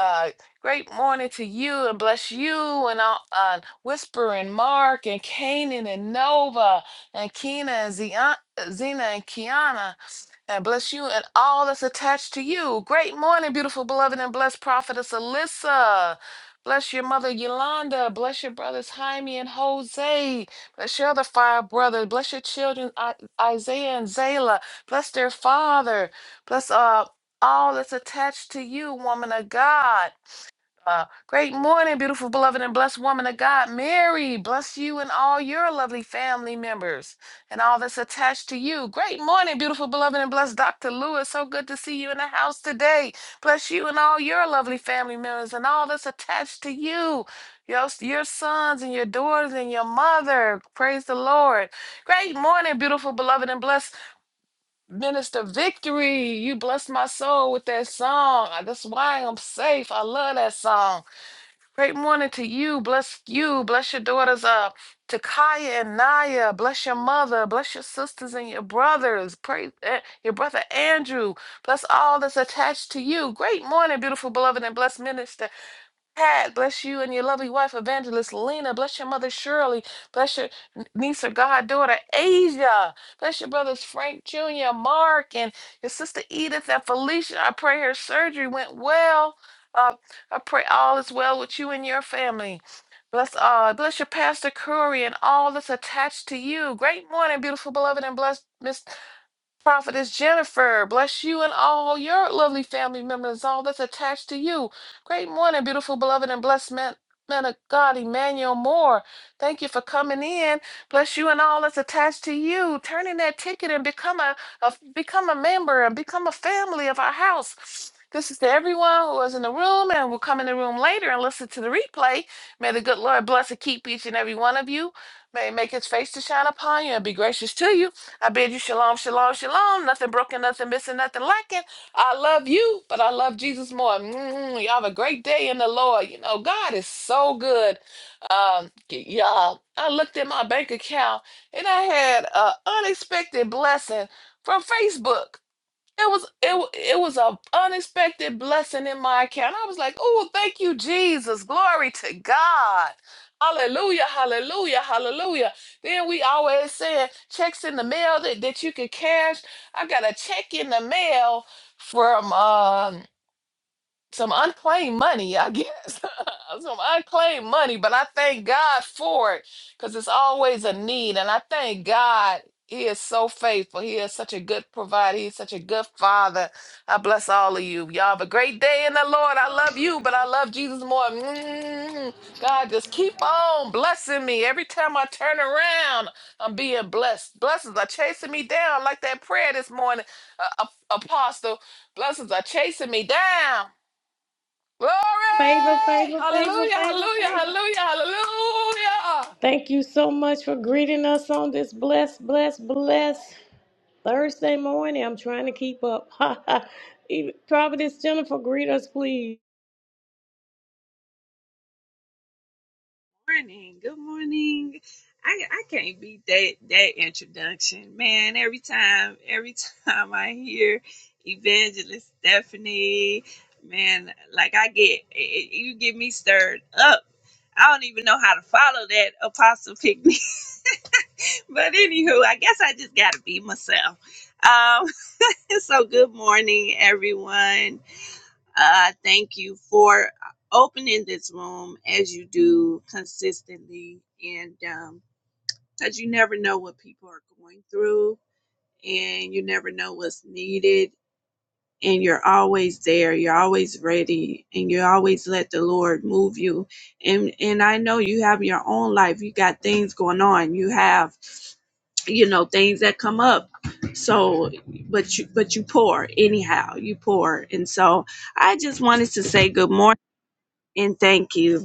Uh, Great morning to you and bless you and all, uh, Whisper and Mark and Kanan and Nova and Keena and Zion, Zena and Kiana and bless you and all that's attached to you. Great morning, beautiful beloved and blessed prophetess Alyssa. Bless your mother Yolanda. Bless your brothers Jaime and Jose. Bless your other five brothers. Bless your children I- Isaiah and Zayla. Bless their father. Bless uh, all that's attached to you, woman of God. Uh, great morning, beautiful, beloved, and blessed woman of God. Mary, bless you and all your lovely family members and all that's attached to you. Great morning, beautiful, beloved, and blessed Dr. Lewis. So good to see you in the house today. Bless you and all your lovely family members and all that's attached to you. Your, your sons and your daughters and your mother. Praise the Lord. Great morning, beautiful, beloved, and blessed Minister Victory. You blessed my soul with that song. That's why I'm safe. I love that song. Great morning to you. Bless you. Bless your daughters up. To Kaya and Naya. Bless your mother. Bless your sisters and your brothers. Pray eh, your brother Andrew. Bless all that's attached to you. Great morning, beautiful beloved and blessed minister. Pat, bless you and your lovely wife, Evangelist Lena. Bless your mother, Shirley. Bless your n- niece or goddaughter, Asia. Bless your brothers, Frank Jr., Mark, and your sister Edith and Felicia. I pray her surgery went well. Uh, I pray all is well with you and your family. Bless, uh, bless your pastor Curry and all that's attached to you. Great morning, beautiful, beloved, and blessed Miss Prophetess Jennifer, bless you and all your lovely family members, all that's attached to you. Great morning, beautiful, beloved, and blessed man, man of God, Emmanuel Moore. Thank you for coming in. Bless you and all that's attached to you. Turn in that ticket and become a, a become a member and become a family of our house. This is to everyone who was in the room and will come in the room later and listen to the replay. May the good Lord bless and keep each and every one of you. May he make his face to shine upon you and be gracious to you. I bid you shalom, shalom, shalom. Nothing broken, nothing missing, nothing lacking. I love you, but I love Jesus more. Mm, y'all have a great day in the Lord. You know, God is so good. Um, y'all, I looked at my bank account and I had an unexpected blessing from Facebook. It was it wa- it was a unexpected blessing in my account. I was like, "Oh, thank you, Jesus! Glory to God! Hallelujah! Hallelujah! Hallelujah!" Then we always said checks in the mail that, that you could cash. I got a check in the mail from um some unclaimed money, I guess. some unclaimed money, but I thank God for it because it's always a need. And I thank God He is so faithful. He is such a good provider. He's such a good father. I bless all of you. Y'all have a great day in the Lord. I love you, but I love Jesus more. Mm. God, just keep on blessing me. Every time I turn around, I'm being blessed. Blessings are chasing me down like that prayer this morning, uh, Ap- Apostle. Blessings are chasing me down. Glory! Favor, favor, favor, Hallelujah, favor, hallelujah, favor. hallelujah, hallelujah. Thank you so much for greeting us on this blessed, blessed, blessed Thursday morning. I'm trying to keep up. Even- Prophetess Jennifer, greet us, please. morning. Good morning. I, I can't beat that that introduction, man. Every time, every time I hear Evangelist Stephanie, man, like I get it, you get me stirred up. I don't even know how to follow that apostle picnic, but anywho, I guess I just got to be myself. Um, so good morning, everyone. I uh, thank you for opening this room as you do consistently, and um, because you never know what people are going through, and you never know what's needed, and you're always there, you're always ready, and you always let the Lord move you. And and I know you have your own life, you got things going on, you have you know things that come up. So, but you but you pour anyhow, you pour, and so I just wanted to say good morning and thank you.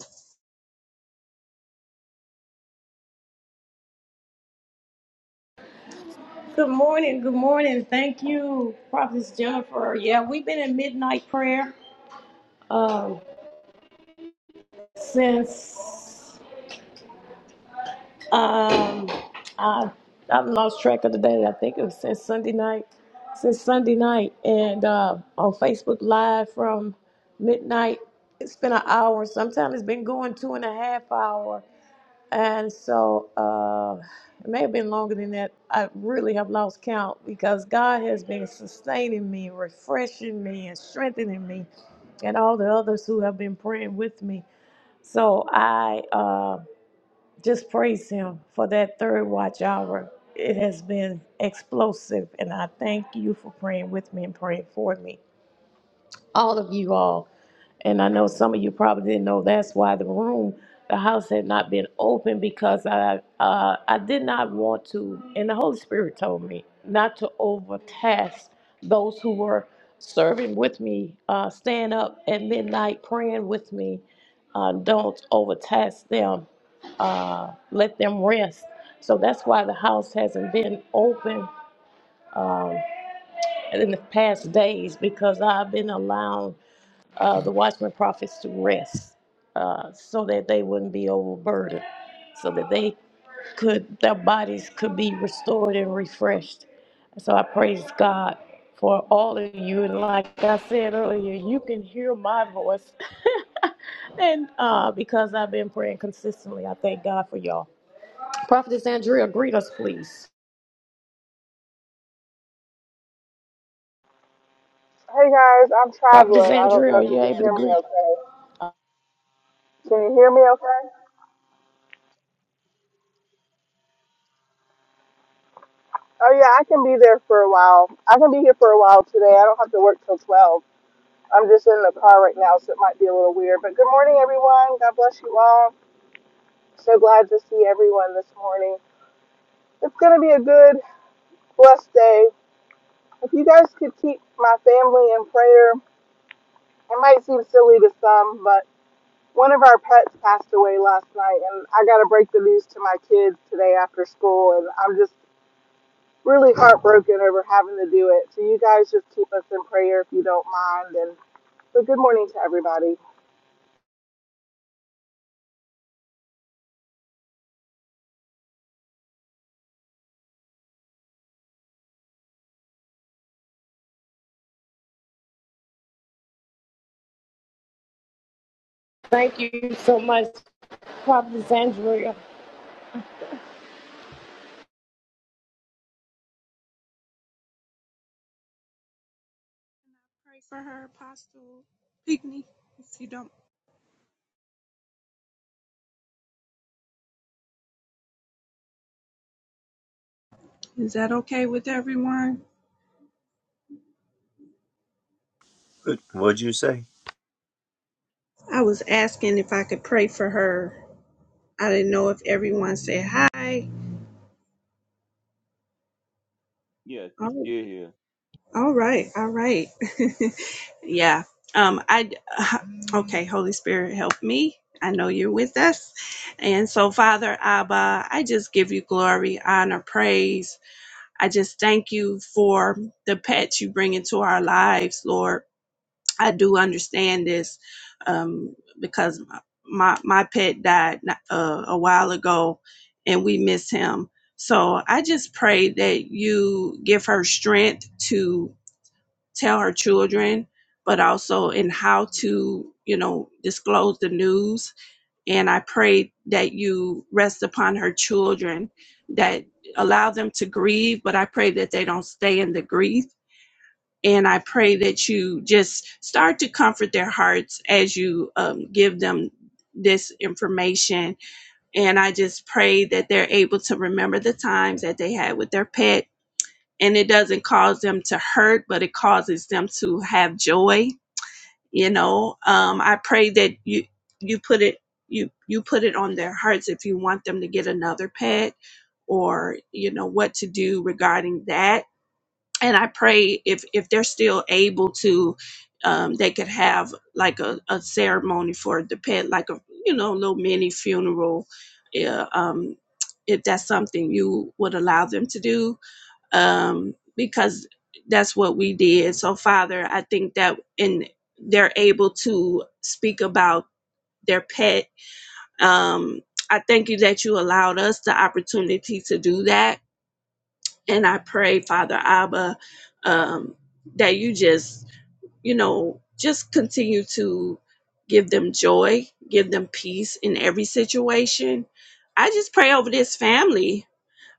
Good morning. Good morning. Thank you, Prophetess Jennifer. Yeah, we've been in midnight prayer um, since. Um, I I've lost track of the day. I think it was since Sunday night, since Sunday night, and uh, on Facebook Live from midnight. It's been an hour. Sometimes it's been going two and a half hour, and so uh, it may have been longer than that. I really have lost count because God has been sustaining me, refreshing me, and strengthening me, and all the others who have been praying with me. So I. uh, just praise Him for that third watch hour. It has been explosive, and I thank you for praying with me and praying for me all of you all. And I know some of you probably didn't know that's why the room, the house had not been open because I uh, I did not want to, and the Holy Spirit told me not to overtask those who were serving with me, uh, staying up at midnight praying with me. Uh, don't overtask them. Uh, let them rest. So that's why the house hasn't been open um, in the past days because I've been allowed uh, the watchmen prophets to rest uh, so that they wouldn't be overburdened, so that they could, their bodies could be restored and refreshed. So I praise God for all of you. And like I said earlier, you can hear my voice. and uh, because I've been praying consistently, I thank God for y'all. Prophetess Andrea, greet us, please. Hey guys, I'm Prophetess traveling. I don't Andrea, know are if you you can able to hear me greet? okay. Can you hear me okay? Oh yeah, I can be there for a while. I can be here for a while today. I don't have to work till 12. I'm just in the car right now, so it might be a little weird. But good morning, everyone. God bless you all. So glad to see everyone this morning. It's going to be a good, blessed day. If you guys could keep my family in prayer, it might seem silly to some, but one of our pets passed away last night, and I got to break the news to my kids today after school, and I'm just really heartbroken over having to do it. So you guys just keep us in prayer if you don't mind. And but good morning to everybody. Thank you so much, Prophetess Andrea. Pray for her, Apostle Pigney, if you don't. Is that okay with everyone? What'd you say? I was asking if I could pray for her. I didn't know if everyone said hi. Yes, we Oh, still here. all right, all right. yeah. Um, I okay, Holy Spirit, help me. I know you're with us. And so, Father Abba, I just give you glory, honor, praise. I just thank you for the pets you bring into our lives, Lord. I do understand this um, because my my pet died uh, a while ago, and we miss him. So I just pray that you give her strength to tell her children, but also in how to you know disclose the news. And I pray that you rest upon her children, that allow them to grieve, but I pray that they don't stay in the grief and I pray that you just start to comfort their hearts as you um, give them this information. And I just pray that they're able to remember the times that they had with their pet. And it doesn't cause them to hurt, but it causes them to have joy. You know, um, I pray that you you put it you you put it on their hearts if you want them to get another pet, or you know what to do regarding that and I pray if if they're still able to, um, they could have like a, a ceremony for the pet, like a you know little mini funeral, yeah, um, if that's something you would allow them to do, um, because that's what we did. So Father, I think that and they're able to speak about their pet. Um, I thank you that you allowed us the opportunity to do that and I pray, Father Abba, um, that you just, you know, just continue to give them joy, give them peace in every situation. I just pray over this family.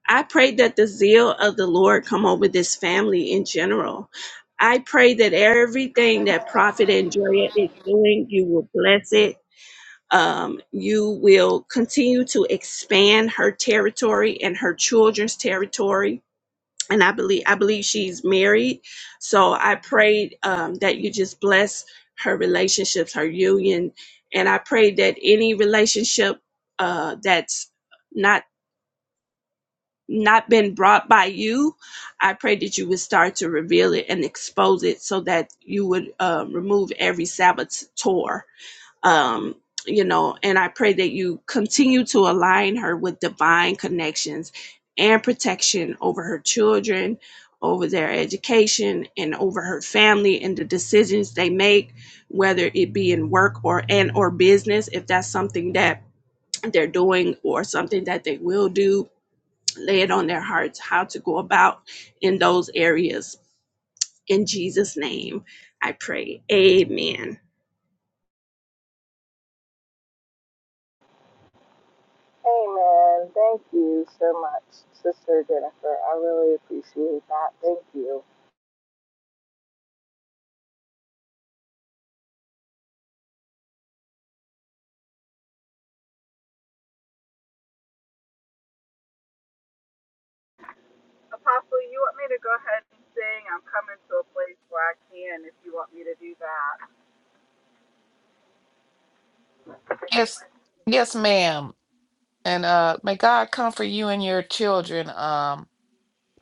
I pray that the zeal of the Lord come over this family in general. I pray that everything that Prophet Andrea is doing, you will bless it. Um, you will continue to expand her territory and her children's territory and I believe I believe she's married. So I prayed um, that you just bless her relationships, her union, and I pray that any relationship uh, that's not not been brought by you, I pray that you would start to reveal it and expose it, so that you would uh, remove every saboteur um you know and i pray that you continue to align her with divine connections and protection over her children over their education and over her family and the decisions they make whether it be in work or and or business if that's something that they're doing or something that they will do lay it on their hearts how to go about in those areas in jesus name i pray amen Amen. Thank you so much, Sister Jennifer. I really appreciate that. Thank you. Apostle, you want me to go ahead and sing? I'm coming to a place where I can if you want me to do that. Yes, yes, ma'am. And uh may God comfort you and your children, um,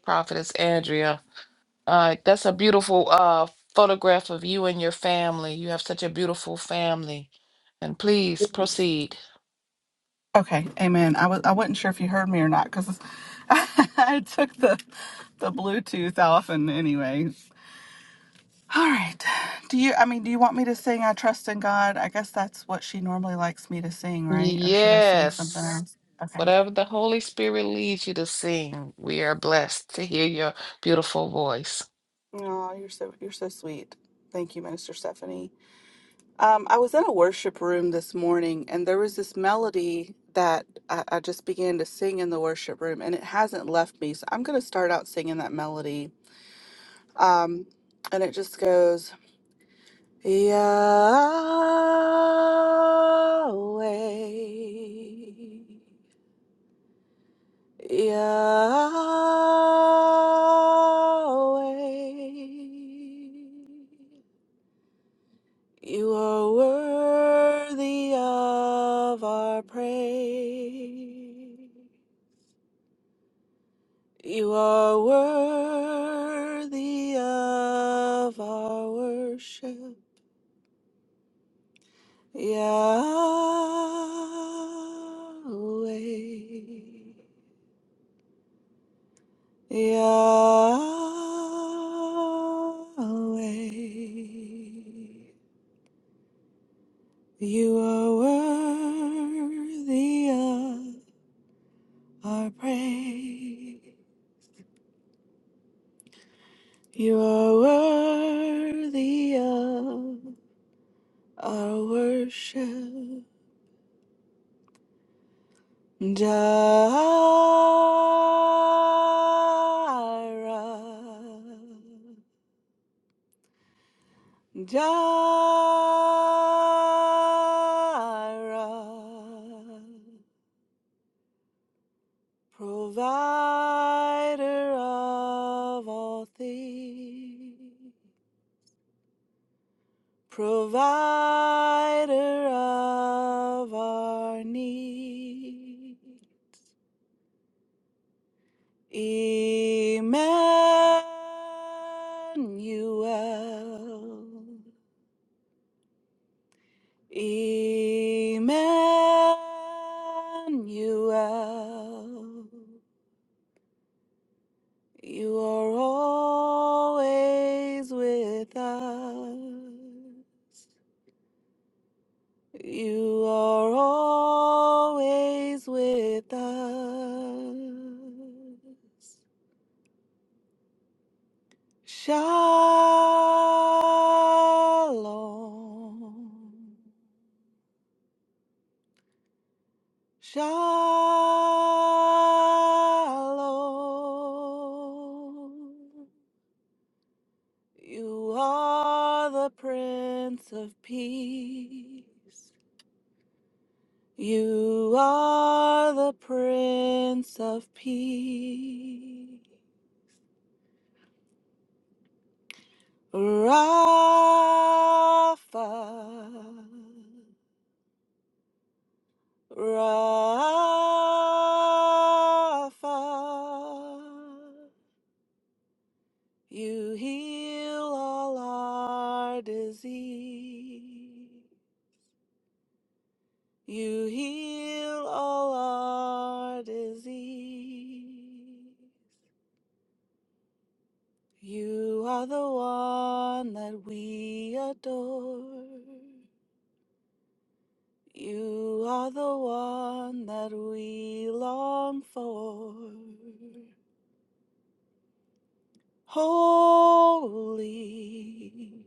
Prophetess Andrea. Uh that's a beautiful uh photograph of you and your family. You have such a beautiful family. And please proceed. Okay, amen. I was I wasn't sure if you heard me or not because I took the the Bluetooth off and anyway. All right. Do you, I mean, do you want me to sing I Trust in God? I guess that's what she normally likes me to sing, right? Or should I sing something Yes. else? Okay. Whatever the Holy Spirit leads you to sing, we are blessed to hear your beautiful voice. Oh, you're so, you're so sweet. Thank you, Minister Stephanie. Um, I was in a worship room this morning and there was this melody that I, I just began to sing in the worship room and it hasn't left me. So I'm going to start out singing that melody. Um, and it just goes, Yahweh. Yahweh, you are worthy of our praise. You are worthy of our worship. Yahweh, Yahweh, you are worthy of our praise. You are worthy of our worship. Jireh. Jireh, Provider of all things, provider of our need, Emmanuel, Emmanuel, you are always with us. You are always with us. Shalom. Shalom. You are the Prince of Peace. You are the Prince of Peace. Rafa, Rafa, you heal all our disease. You heal all our disease. You are the one that we adore. You are the one that we long for. Holy,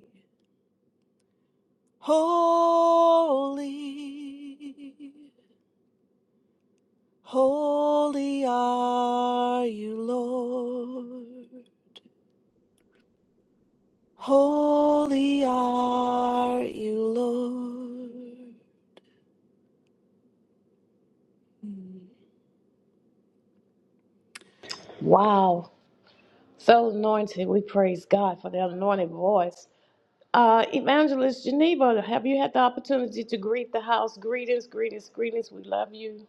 holy, holy are you, Lord. Holy are you, Lord. Wow. So anointed, we praise God for the anointed voice. Uh, Evangelist Geneva, have you had the opportunity to greet the house? Greetings, greetings, greetings. We love you.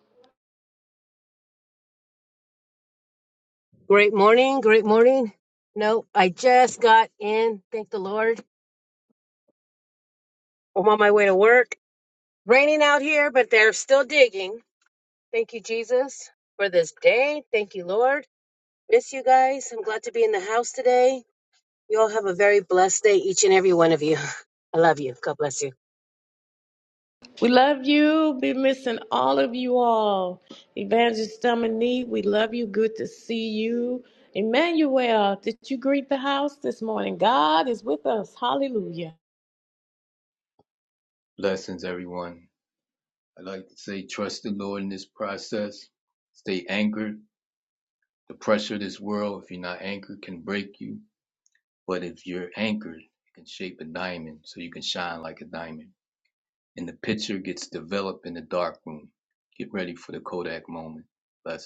We love you. Be missing all of you all. Evangelist Dominique, we love you. Good to see you. Emmanuel, did you greet the house this morning? God is with us. Hallelujah. Blessings, everyone. I'd like to say trust the Lord in this process. Stay anchored. The pressure of this world, if you're not anchored, can break you. But if you're anchored, it can shape a diamond so you can shine like a diamond. And the picture gets developed in the dark room. Get ready for the Kodak moment. Blessings.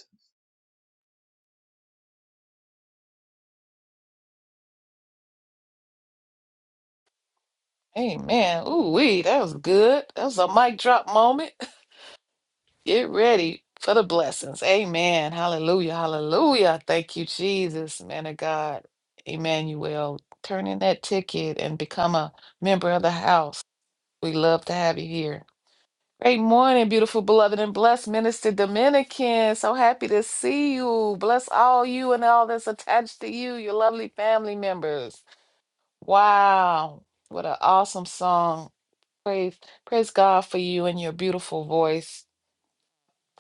Hey man, ooh wee, that was good. That was a mic drop moment. Get ready for the blessings. Amen. Hallelujah. Hallelujah. Thank you, Jesus, man of God. Emmanuel, turn in that ticket and become a member of the house. We love to have you here. Great morning, beautiful, beloved, and blessed Minister Dominican. So happy to see you. Bless all you and all that's attached to you, your lovely family members. Wow. What an awesome song. Praise, praise God for you and your beautiful voice,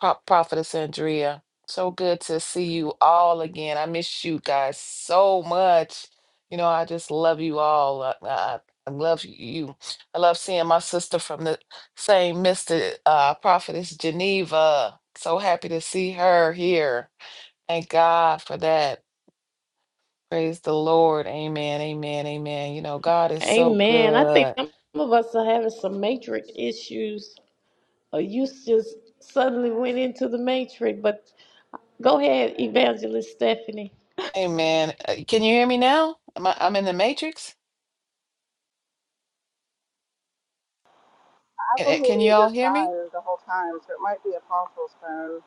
Pro- Prophetess Andrea. So good to see you all again. I miss you guys so much. You know, I just love you all. I, I, I love you. I love seeing my sister from the same Mr. Uh, Prophetess Geneva. So happy to see her here. Thank God for that. Praise the Lord. Amen. Amen. Amen. You know, God is so Amen. I think good. some of us are having some matrix issues. Or you just suddenly went into the matrix, but Go ahead, Evangelist Stephanie. Hey man, uh, can you hear me now? I'm, I'm in the matrix. I Uh, can uh, hear Can you you all just hear me? fine the whole time, so it might be Apostle's phone.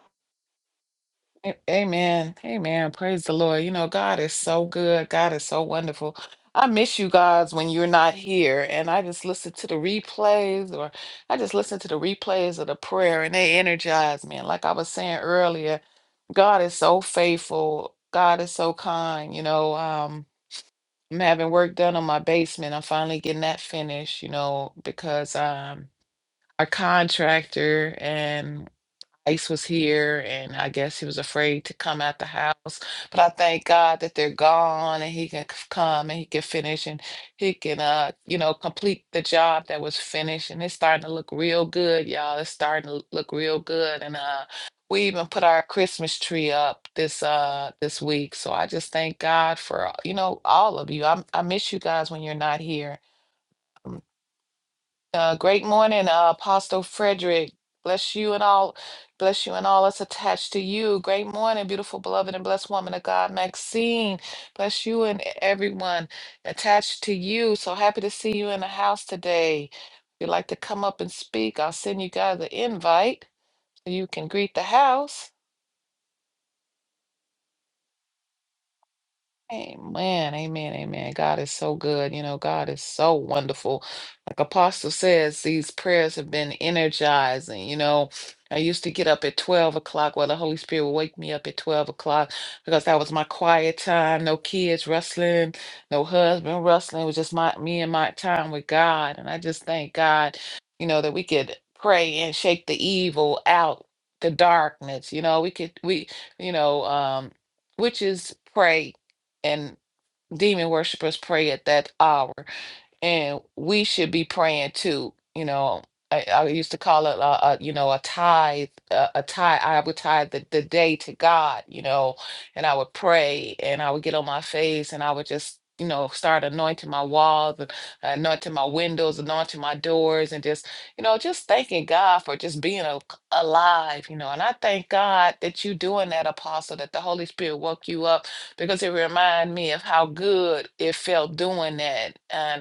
A- Amen. Amen. Praise the Lord. You know, God is so good. God is so wonderful. I miss you guys when you're not here. And I just listen to the replays, or I just listen to the replays of the prayer, and they energize me. And like I was saying earlier, God is so faithful. God is so kind. You know, um, I'm having work done on my basement. I'm finally getting that finished, you know, because um. our contractor and ICE was here and I guess he was afraid to come out the house. But I thank God that they're gone and he can c- come and he can finish and he can uh you know complete the job that was finished and it's starting to look real good, y'all. It's starting to look real good and uh we even put our Christmas tree up this uh this week. So I just thank God for uh, you know all of you. I I miss you guys when you're not here uh, great morning, uh, Apostle Frederick. Bless you and all, bless you and all that's attached to you. Great morning, beautiful, beloved, and blessed woman of God, Maxine. Bless you and everyone attached to you. So happy to see you in the house today. If you'd like to come up and speak, I'll send you guys an invite so you can greet the house. Amen, amen, amen. God is so good. You know, God is so wonderful. Like Apostle says, these prayers have been energizing. You know, I used to get up at 12 o'clock. Well, the Holy Spirit would wake me up at 12 o'clock because that was my quiet time. No kids rustling, no husband rustling. It was just my me and my time with God. And I just thank God, you know, that we could pray and shake the evil out, the darkness. You know, we could we, you know, um, witches pray and demon worshippers pray at that hour and we should be praying too. You know, I, I used to call it a, a you know a tithe, a, a tithe. I would tithe the, the day to God, you know, and I would pray and I would get on my face and I would just you know start anointing my walls and uh, anointing my windows, anointing my doors, and just you know just thanking God for just being a, alive, you know. And I thank God that you doing that, Apostle, that the Holy Spirit woke you up because it reminded me of how good it felt doing that. and.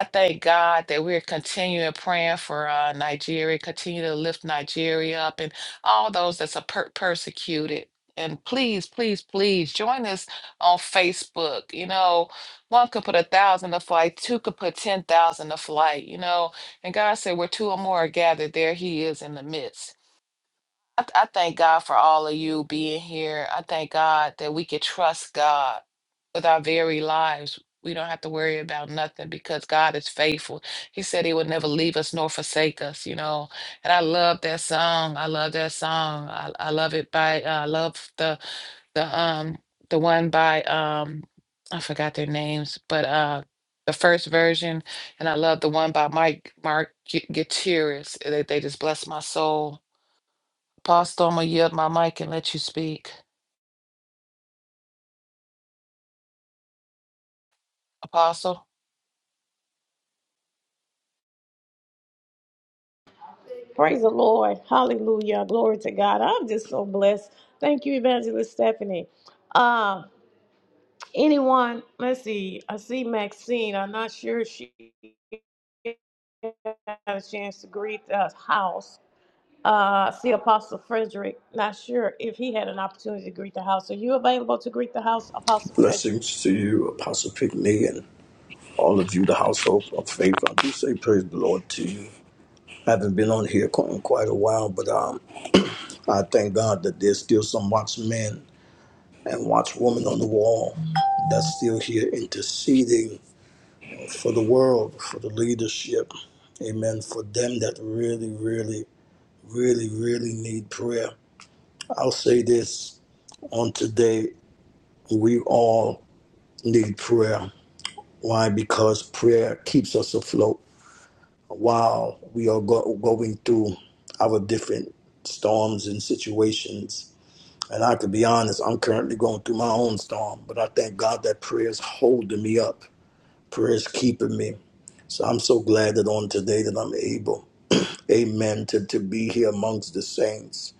I thank God that we're continuing praying for uh, Nigeria, continue to lift Nigeria up and all those that's are per- persecuted. And please, please, please join us on Facebook. You know, one could put a thousand to flight, two could put 10,000 to flight, you know. And God said, where two or more are gathered, there He is in the midst. I, th- I thank God for all of you being here. I thank God that we can trust God with our very lives. We don't have to worry about nothing because God is faithful. He said He would never leave us nor forsake us, you know. And I love that song. I love that song. I, I love it by uh, I love the the um the one by um I forgot their names, but uh the first version, and I love the one by Mike Mark Gu- Gutierrez. They, they just bless my soul Apostle, I'm going to yield my mic and let you speak. Apostle? Praise the Lord. Hallelujah. Glory to God. I'm just so blessed. Thank you, Evangelist Stephanie. Uh, anyone, let's see. I see Maxine. I'm not sure if she had a chance to greet the house. Uh, I see Apostle Frederick. Not sure if he had an opportunity to greet the house. Are you available to greet the house, Apostle Frederick? Blessings to you, Apostle Pickney, and all of you, the household of faith. I do say praise the Lord to you. I haven't been on here qu- in quite a while, but um, I thank God that there's still some watchmen and watchwomen on the wall that's still here interceding for the world, for the leadership. Amen. For them that really, really, really, really need prayer. I'll say this on today we all need prayer. Why? Because prayer keeps us afloat while we are go- going through our different storms and situations. And I could be honest, I'm currently going through my own storm, but I thank God that prayer is holding me up, prayer is keeping me. So I'm so glad that on today that I'm able, amen, to, to be here amongst the saints,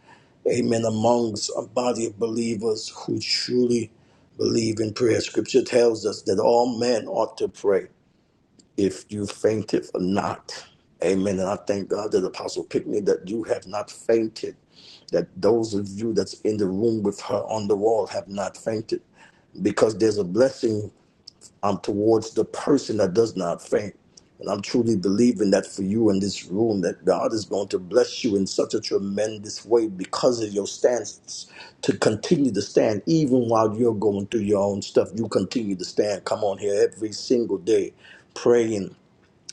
amen, amongst a body of believers who truly believe in prayer. Scripture tells us that all men ought to pray if you fainted or not. Amen. And I thank God that Apostle Pickney that you have not fainted, that those of you that's in the room with her on the wall have not fainted, because there's a blessing um, towards the person that does not faint. And I'm truly believing that for you in this room, that God is going to bless you in such a tremendous way because of your stance to continue to stand, even while you're going through your own stuff. You continue to stand. Come on here every single day, praying,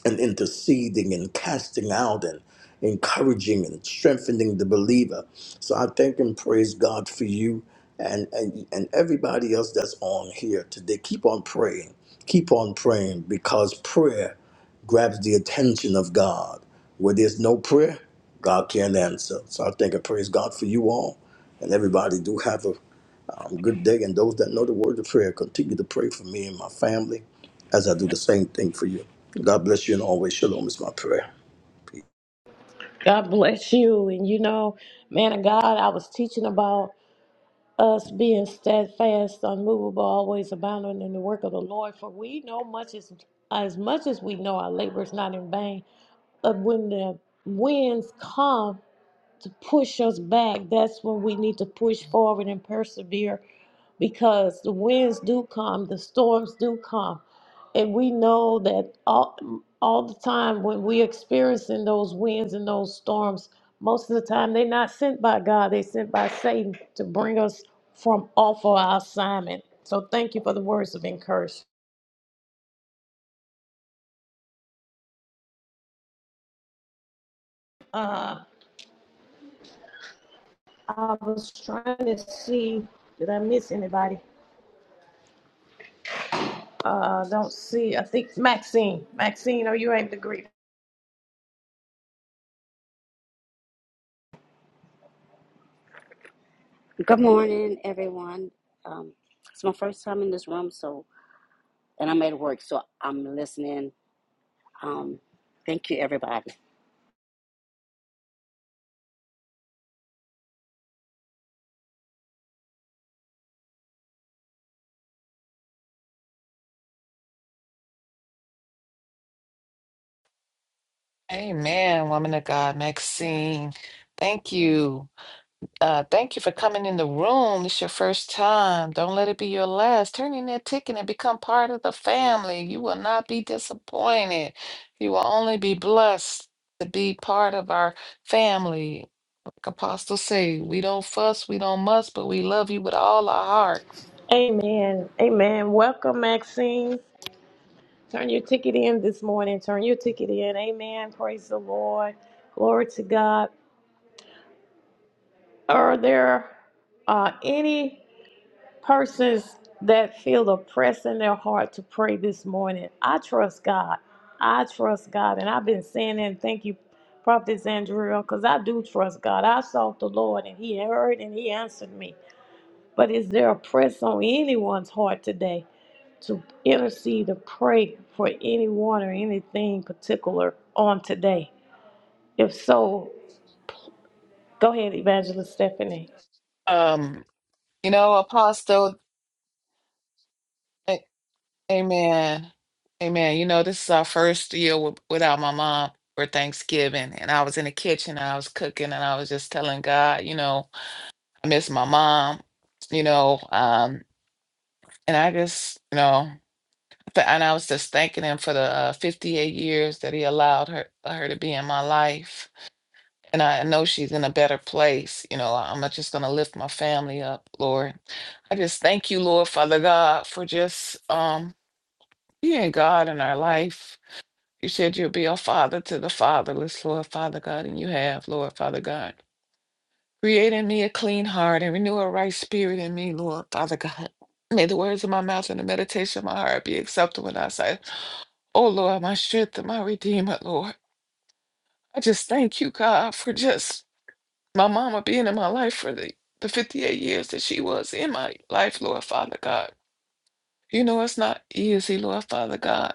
and interceding and casting out and encouraging and strengthening the believer. So I thank and praise God for you and and, and everybody else that's on here today. Keep on praying. Keep on praying because prayer grabs the attention of God. Where there's no prayer, God can't answer. So I thank and praise God for you all. And everybody do have a have a good day, and those that know the words of prayer, continue to pray for me and my family as I do the same thing for you. God bless you and always shalom is my prayer. Peace. God bless you. And you know, man of God, I was teaching about. us being steadfast, unmovable, always abounding in the work of the Lord. For we know much as as much as we know our labor is not in vain. But when the winds come, to push us back, that's when we need to push forward and persevere because the winds do come, the storms do come. And we know that all, all the time when we're experiencing those winds and those storms, most of the time they're not sent by God, they're sent by Satan to bring us from off of our assignment. So thank you for the words of encouragement. Uh, I was trying to see, did I miss anybody? Uh, don't see. I think Maxine. Maxine, are you able to greet? Good morning, everyone. Um, it's my first time in this room, so and I'm at work, so I'm listening. Um, thank you, everybody. Amen, woman of God, Maxine. Thank you. Uh, thank you for coming in the room. It's your first time. Don't let it be your last. Turn in that ticket and become part of the family. You will not be disappointed. You will only be blessed to be part of our family. Like Apostle say, we don't fuss, we don't muss, but we love you with all our heart. Amen. Amen. Welcome, Maxine. Turn your ticket in this morning. Turn your ticket in. Amen. Praise the Lord. Glory to God. Are there uh, any persons that feel the press in their heart to pray this morning? I trust God. I trust God. And I've been saying that. and Thank you, Prophet Andrea, because I do trust God. I sought the Lord and He heard and He answered me. But is there a press on anyone's heart today to intercede or pray for anyone or anything particular on today? If so, go ahead, Evangelist Stephanie. Um, you know, Apostle. Amen. Amen. You know, this is our first year wi- without my mom for Thanksgiving. And I was in the kitchen and I was cooking and I was just telling God, you know, I miss my mom, you know, um, and I just, you know, th- and I was just thanking him for the uh, 58 years that he allowed her her to be in my life. And I know she's in a better place. You know, I'm not just going to lift my family up, Lord. I just thank you, Lord, Father God, for just um, being God in our life You said you'll be a father to the fatherless, Lord Father God, and you have, Lord Father God. Create in me a clean heart and renew a right spirit in me, Lord Father God. May the words of my mouth and the meditation of my heart be acceptable in thy sight. Oh Lord, my strength and my redeemer, Lord. I just thank you, God, for just my mama being in my life for the, the 58 years that she was in my life, Lord Father God. You know it's not easy, Lord Father God.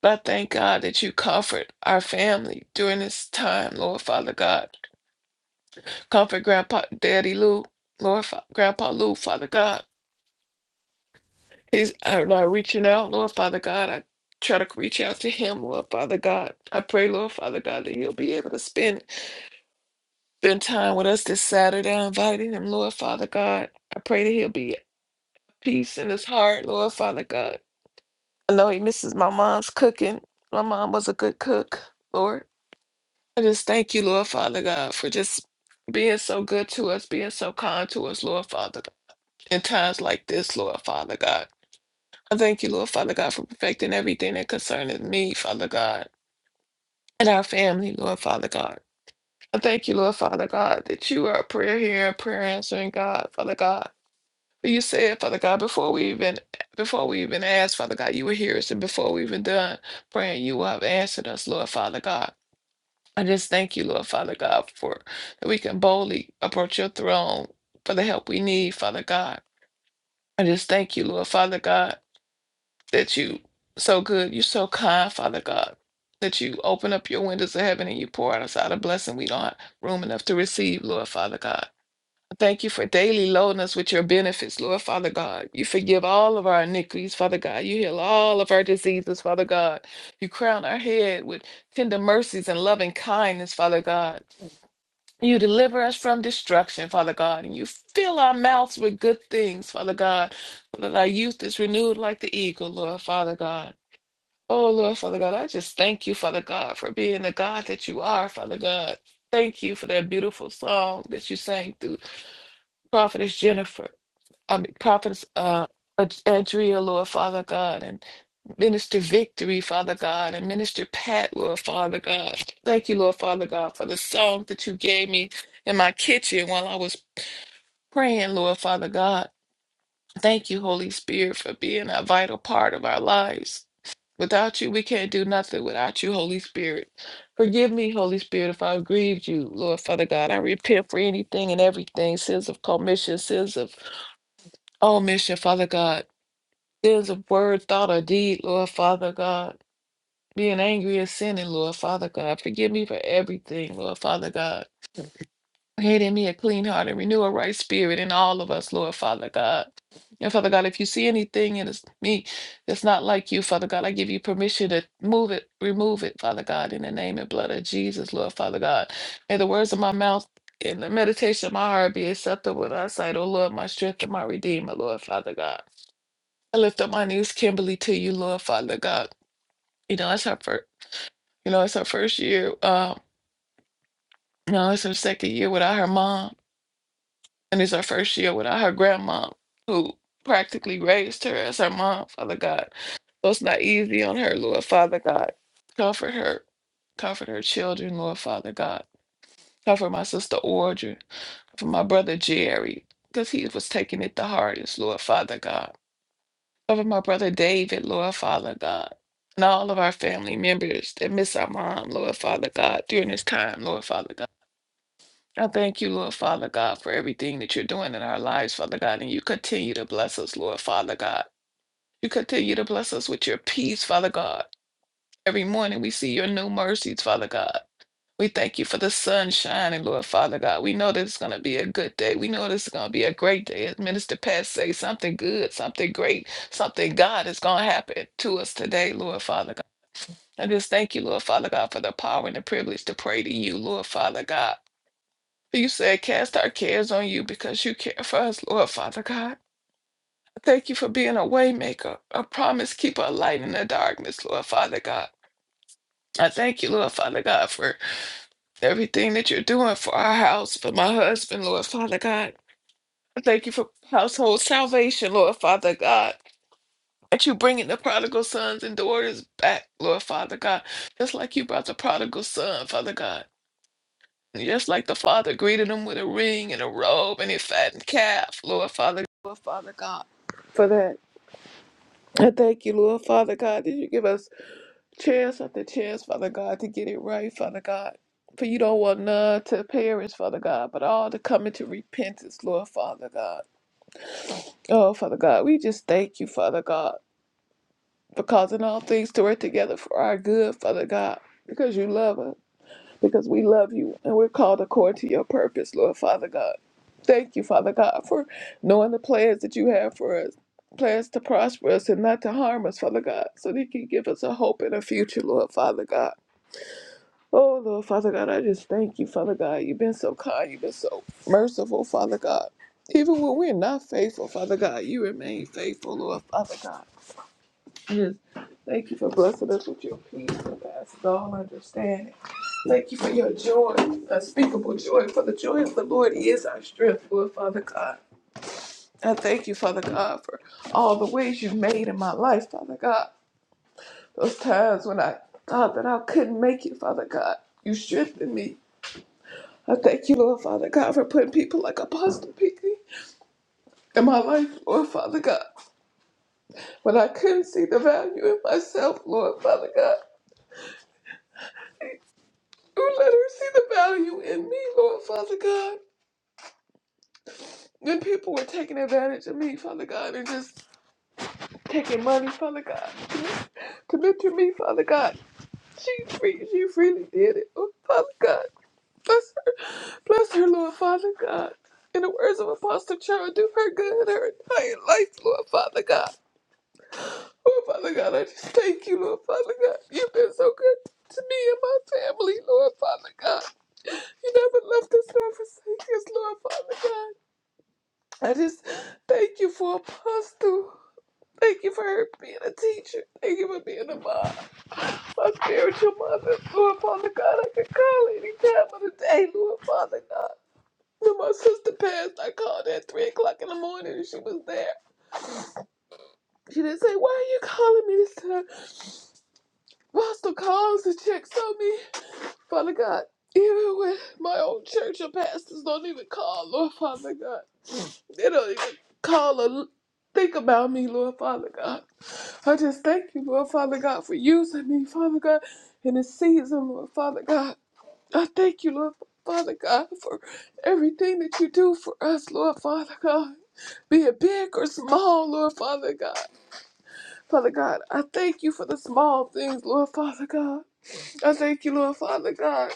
But I thank God that you comfort our family during this time, Lord Father God. Comfort Grandpa, Daddy Lou, Lord Fa- Grandpa Lou, Father God. He's I'm not reaching out, Lord Father God. I try to reach out to him, Lord Father God. I pray, Lord Father God, that he'll be able to spend spend time with us this Saturday. I invited him, Lord Father God. I pray that he'll be at peace in his heart, Lord Father God. I know he misses my mom's cooking. My mom was a good cook, Lord. I just thank you, Lord Father God, for just being so good to us, being so kind to us, Lord Father, God, in times like this, Lord Father God. I thank you, Lord Father God, for perfecting everything that concerns me, Father God, and our family, Lord Father God. I thank you, Lord Father God, that you are a prayer hearing, prayer answering God, Father God. For you said, Father God, before we even before we even asked, Father God, you were here, and before we even done praying, you have answered us, Lord Father God. I just thank you, Lord Father God, for that we can boldly approach your throne for the help we need, Father God. I just thank you, Lord Father God, that you so good, you're so kind, Father God, that you open up your windows of heaven and you pour out us out a blessing we don't have room enough to receive, Lord Father God. Thank you for daily loading us with your benefits, Lord Father God. You forgive all of our iniquities, Father God. You heal all of our diseases, Father God. You crown our head with tender mercies and loving kindness, Father God. You deliver us from destruction, Father God, and you fill our mouths with good things, Father God, so that our youth is renewed like the eagle, Lord, Father God. Oh, Lord, Father God, I just thank you, Father God, for being the God that you are, Father God. Thank you for that beautiful song that you sang through Prophetess Jennifer, I mean, Prophetess uh, Andrea, Lord, Father God. and. Minister Victory, Father God, and Minister Pat, Lord Father God. Thank you, Lord Father God, for the song that you gave me in my kitchen while I was praying, Lord Father God. Thank you, Holy Spirit, for being a vital part of our lives. Without you, we can't do nothing without you, Holy Spirit. Forgive me, Holy Spirit, if i grieved you, Lord Father God. I repent for anything and everything, sins of commission, sins of omission, Father God, sins of word, thought, or deed, Lord Father God. Being angry is sinning, Lord Father God. Forgive me for everything, Lord Father God. Create in me a clean heart and renew a right spirit in all of us, Lord Father God. And Father God, if you see anything in us- me that's not like you, Father God, I give you permission to move it, remove it, Father God, in the name and blood of Jesus, Lord Father God. May the words of my mouth and the meditation of my heart be acceptable in thy sight, O Lord, my strength and my redeemer, Lord Father God. I lift up my knees, Kimberly, to you, Lord Father God. You know, that's her first. You know, it's her first year. Uh, no, it's her second year without her mom, and it's her first year without her grandma, who practically raised her as her mom, Father God. So it's not easy on her, Lord Father God. Comfort her. Comfort her children, Lord Father God. Comfort my sister Audrey. Comfort my brother Jerry, because he was taking it the hardest, Lord Father God. Cover my brother David, Lord Father God. And all of our family members that miss our mom, Lord Father God, during this time, Lord Father God. I thank you, Lord Father God, for everything that you're doing in our lives, Father God. And you continue to bless us, Lord Father God. You continue to bless us with your peace, Father God. Every morning we see your new mercies, Father God. We thank you for the sun shining, Lord Father God. We know this is going to be a good day. We know this is going to be a great day. As Minister Pat say, something good, something great, something God is going to happen to us today, Lord Father God. I just thank you, Lord Father God, for the power and the privilege to pray to you, Lord Father God. You said, Cast our cares on you because you care for us, Lord Father God. Thank you for being a waymaker, a promise keeper, a light in the darkness, Lord Father God. I thank you, Lord Father God, for everything that you're doing for our house, for my husband, Lord Father God. I thank you for household salvation, Lord Father God. That you bringing the prodigal sons and daughters back, Lord Father God, just like you brought the prodigal son, Father God. Just like the Father greeted him with a ring and a robe and a fattened calf, Lord Father, Lord Father God, for that. I thank you, Lord Father God, that you give us chance after chance, Father God, to get it right, Father God. For you don't want none to perish, Father God, but all to come into repentance, Lord Father God. Oh, Father God, we just thank you, Father God, for causing all things to work together for our good, Father God, because you love us. because we love you and we're called according to your purpose, Lord Father God. Thank you, Father God, for knowing the plans that you have for us. Plans to prosper us and not to harm us, Father God, so that you can give us a hope and a future, Lord Father God. Oh, Lord Father God, I just thank you, Father God. You've been so kind. You've been so merciful, Father God. Even when we're not faithful, Father God, you remain faithful, Lord Father God. Yes. Thank you for blessing us with your peace that passes all understanding. Thank you for your joy, unspeakable joy, for the joy of the Lord is our strength, Lord Father God. I thank you, Father God, for all the ways you've made in my life, Father God. Those times when I thought that I couldn't make it, Father God, you strengthened me. I thank you, Lord Father God, for putting people like Apostle Pinkley in my life, Lord Father God. When I couldn't see the value in myself, Lord Father God, you let her see the value in me, Lord Father God. When people were taking advantage of me, Father God, and just taking money, Father God. Commit to me, Father God. She free, she freely did it. Oh, Father God, bless her, bless her, Lord Father God. In the words of Apostle Charles, do her good her entire life, Lord Father God. Oh, Father God, I just thank you, Lord Father God. You've been so good to me and my family, Lord Father God. You never left us nor forsake us, Lord Father God. I just thank you for Apostle. Thank you for her being a teacher. Thank you for being a mom. my spiritual mother, Lord Father God, I can call any time of the day, Lord Father God. When my sister passed, I called her at 3 o'clock in the morning and she was there. She didn't say, Why are you calling me this time? Pastor calls and checks on me. Father God, even when my own church or pastors don't even call, Lord Father God, they don't even call or think about me, Lord Father God. I just thank you, Lord Father God, for using me, Father God, in this season, Lord Father God. I thank you, Lord Father God, for everything that you do for us, Lord Father God. Be it big or small, Lord Father God. Father God, I thank you for the small things, Lord Father God. I thank you, Lord Father God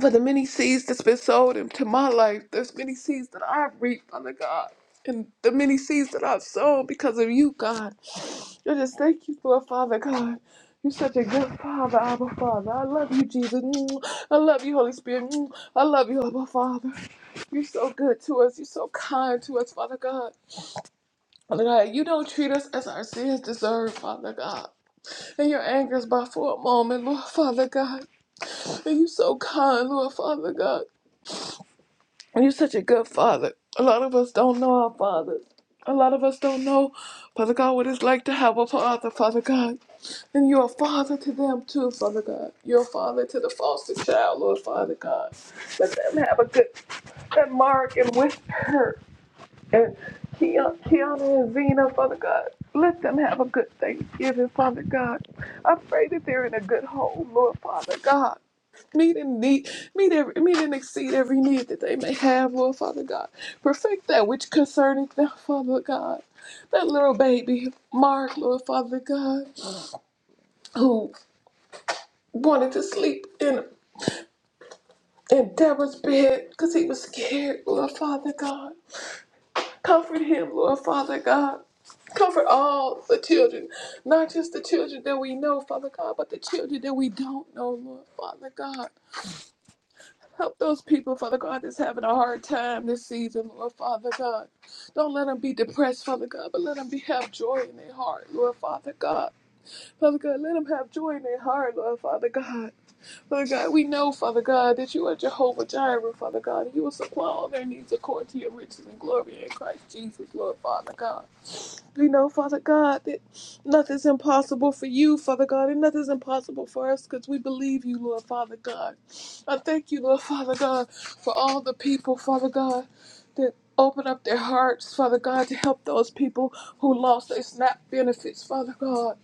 for the many seeds that's been sown into my life. There's many seeds that I've reaped, Father God. And the many seeds that I've sown because of you, God. I just thank you for it, Father God. You're such a good Father, Abba Father. I love you, Jesus. Mm. I love you, Holy Spirit. Mm. I love you, Abba Father. You're so good to us. You're so kind to us, Father God. Father God, you don't treat us as our sins deserve, Father God. And your anger is by for a moment, Lord Father God. And you so kind, Lord Father God. You're such a good father. A lot of us don't know our fathers. A lot of us don't know, Father God, what it's like to have a father, Father God. And you're a father to them too, Father God. You're a father to the foster child, Lord Father God. Let them have a good, good mark and whisper. And Keon- Keanu and Zena, Father God, let them have a good Thanksgiving, Father God. I pray that they're in a good home, Lord Father God. Meet and need, meet every, meet and exceed every need that they may have, Lord Father God. Perfect that which concerneth them, Father God. That little baby, Mark, Lord Father God, who wanted to sleep in in Deborah's bed because he was scared, Lord Father God. Comfort him, Lord Father God. Comfort all the children, not just the children that we know, Father God, but the children that we don't know, Lord Father God. Help those people, Father God, that's having a hard time this season, Lord Father God. Don't let them be depressed, Father God, but let them be, have joy in their heart, Lord Father God. Father God, let them have joy in their heart, Lord Father God. Father God, we know, Father God, that you are Jehovah Jireh, Father God. and You will supply all their needs according to your riches and glory in Christ Jesus, Lord Father God. We know, Father God, that nothing's impossible for you, Father God, and nothing's impossible for us because we believe you, Lord Father God. I thank you, Lord Father God, for all the people, Father God, that open up their hearts, Father God, to help those people who lost their SNAP benefits, Father God.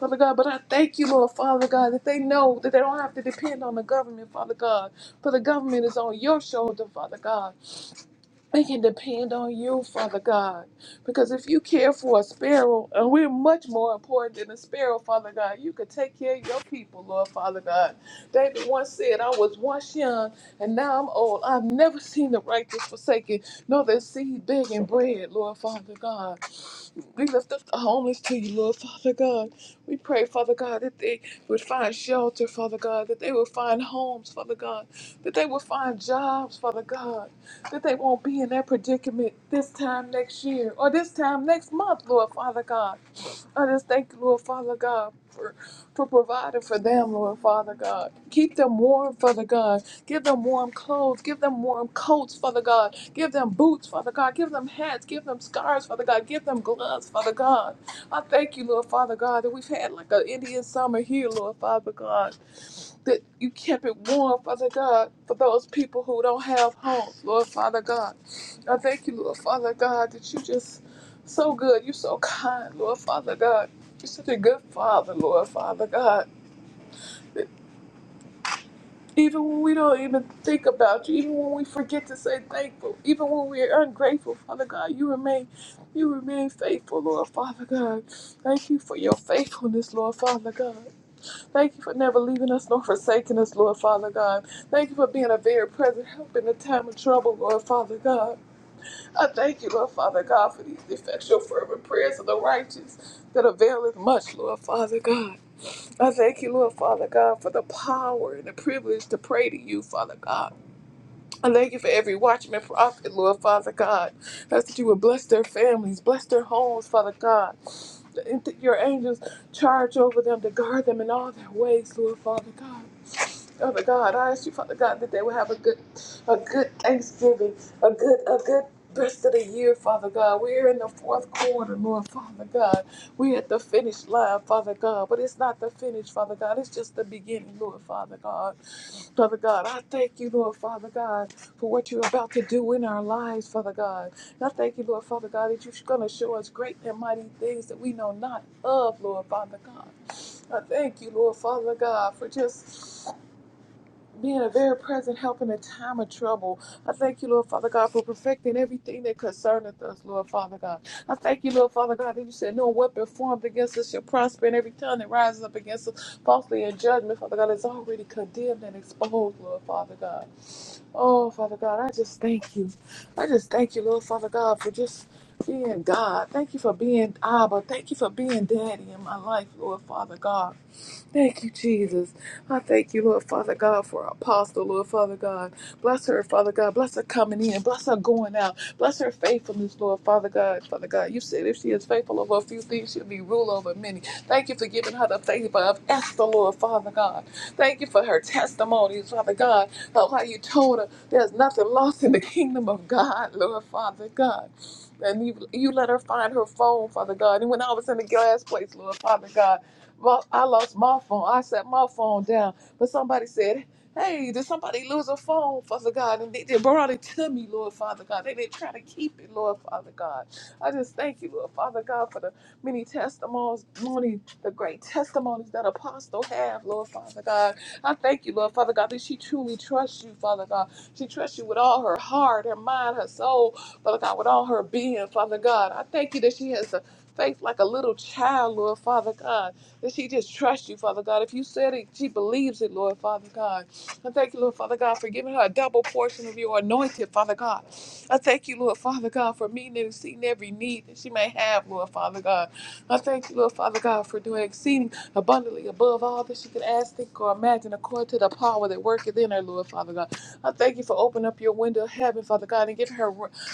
Father God, but I thank you, Lord Father God, that they know that they don't have to depend on the government, Father God, for the government is on your shoulder, Father God. We can depend on you, Father God, because if you care for a sparrow, and we're much more important than a sparrow, Father God, you could take care of your people, Lord Father God. David once said, I was once young, and now I'm old. I've never seen the righteous forsaken, nor their seed begging bread, Lord Father God. We lift up the homeless to you, Lord Father God. We pray, Father God, that they would find shelter, Father God, that they would find homes, Father God, that they would find jobs, Father God, that they won't be in that predicament this time next year or this time next month, Lord Father God. I just thank you, Lord Father God, for, for providing for them, Lord Father God. Keep them warm, Father God. Give them warm clothes. Give them warm coats, Father God. Give them boots, Father God. Give them hats. Give them scarves, Father God. Give them gloves, Father God. I thank you, Lord Father God, that we've had like an Indian summer here, Lord Father God that you kept it warm, Father God, for those people who don't have homes, Lord Father God. I thank you, Lord Father God, that you just so good. You're so kind, Lord Father God. You're such a good Father, Lord Father God. That Even when we don't even think about you, even when we forget to say thankful, even when we are ungrateful, Father God, you remain, you remain faithful, Lord Father God. Thank you for your faithfulness, Lord Father God. Thank you for never leaving us nor forsaking us, Lord Father God. Thank you for being a very present help in the time of trouble, Lord Father God. I thank you, Lord Father God, for these effectual fervent prayers of the righteous that availeth much, Lord Father God. I thank you, Lord Father God, for the power and the privilege to pray to you, Father God. I thank you for every watchman prophet, Lord Father God. That's that you would bless their families, bless their homes, Father God. That Your angels charge over them to guard them in all their ways, Lord Father God. Father God, I ask you, Father God, that they will have a good, a good Thanksgiving, a good, a good rest of the year, Father God. We're in the fourth quarter, Lord, Father God. We're at the finish line, Father God, but it's not the finish, Father God. It's just the beginning, Lord, Father God. Father God, I thank you, Lord, Father God, for what you're about to do in our lives, Father God. And I thank you, Lord, Father God, that you're going to show us great and mighty things that we know not of, Lord, Father God. I thank you, Lord, Father God, for just being a very present help in a time of trouble. I thank you, Lord Father God, for perfecting everything that concerneth us, Lord Father God. I thank you, Lord Father God, that you said no weapon formed against us shall prosper, and every tongue that rises up against us falsely in judgment, Father God, is already condemned and exposed, Lord Father God. Oh, Father God, I just thank you. I just thank you, Lord Father God, for just being God. Thank you for being Abba. Thank you for being Daddy in my life, Lord Father God. Thank you, Jesus. I thank you, Lord Father God, for our apostle, Lord Father God. Bless her, Father God. Bless her coming in. Bless her going out. Bless her faithfulness, Lord Father God. Father God, you said if she is faithful over a few things, she'll be rule over many. Thank you for giving her the favor of Esther, Lord Father God. Thank you for her testimonies, Father God, of how you told her there's nothing lost in the kingdom of God, Lord Father God. And you, you let her find her phone, Father God. And when I was in the glass place, Lord Father God, well, I lost my phone. I set my phone down. But somebody said, Hey, did somebody lose a phone, Father God? And they, they brought it to me, Lord Father God. They didn't try to keep it, Lord Father God. I just thank you, Lord Father God, for the many testimonies, many, the great testimonies that Apostle have, Lord Father God. I thank you, Lord Father God, that she truly trusts you, Father God. She trusts you with all her heart, her mind, her soul, Father God, with all her being, Father God. I thank you that she has a faith like a little child, Lord Father God that she just trusts you, Father God. If you said it, she believes it, Lord, Father God. I thank you, Lord, Father God, for giving her a double portion of your anointing, Father God. I thank you, Lord, Father God, for meeting and seeing every need that she may have, Lord, Father God. I thank you, Lord, Father God, for doing exceeding abundantly above all that she could ask, think, or imagine, according to the power that worketh in her, Lord, Father God. I thank you for opening up your window of heaven, Father God, and giving her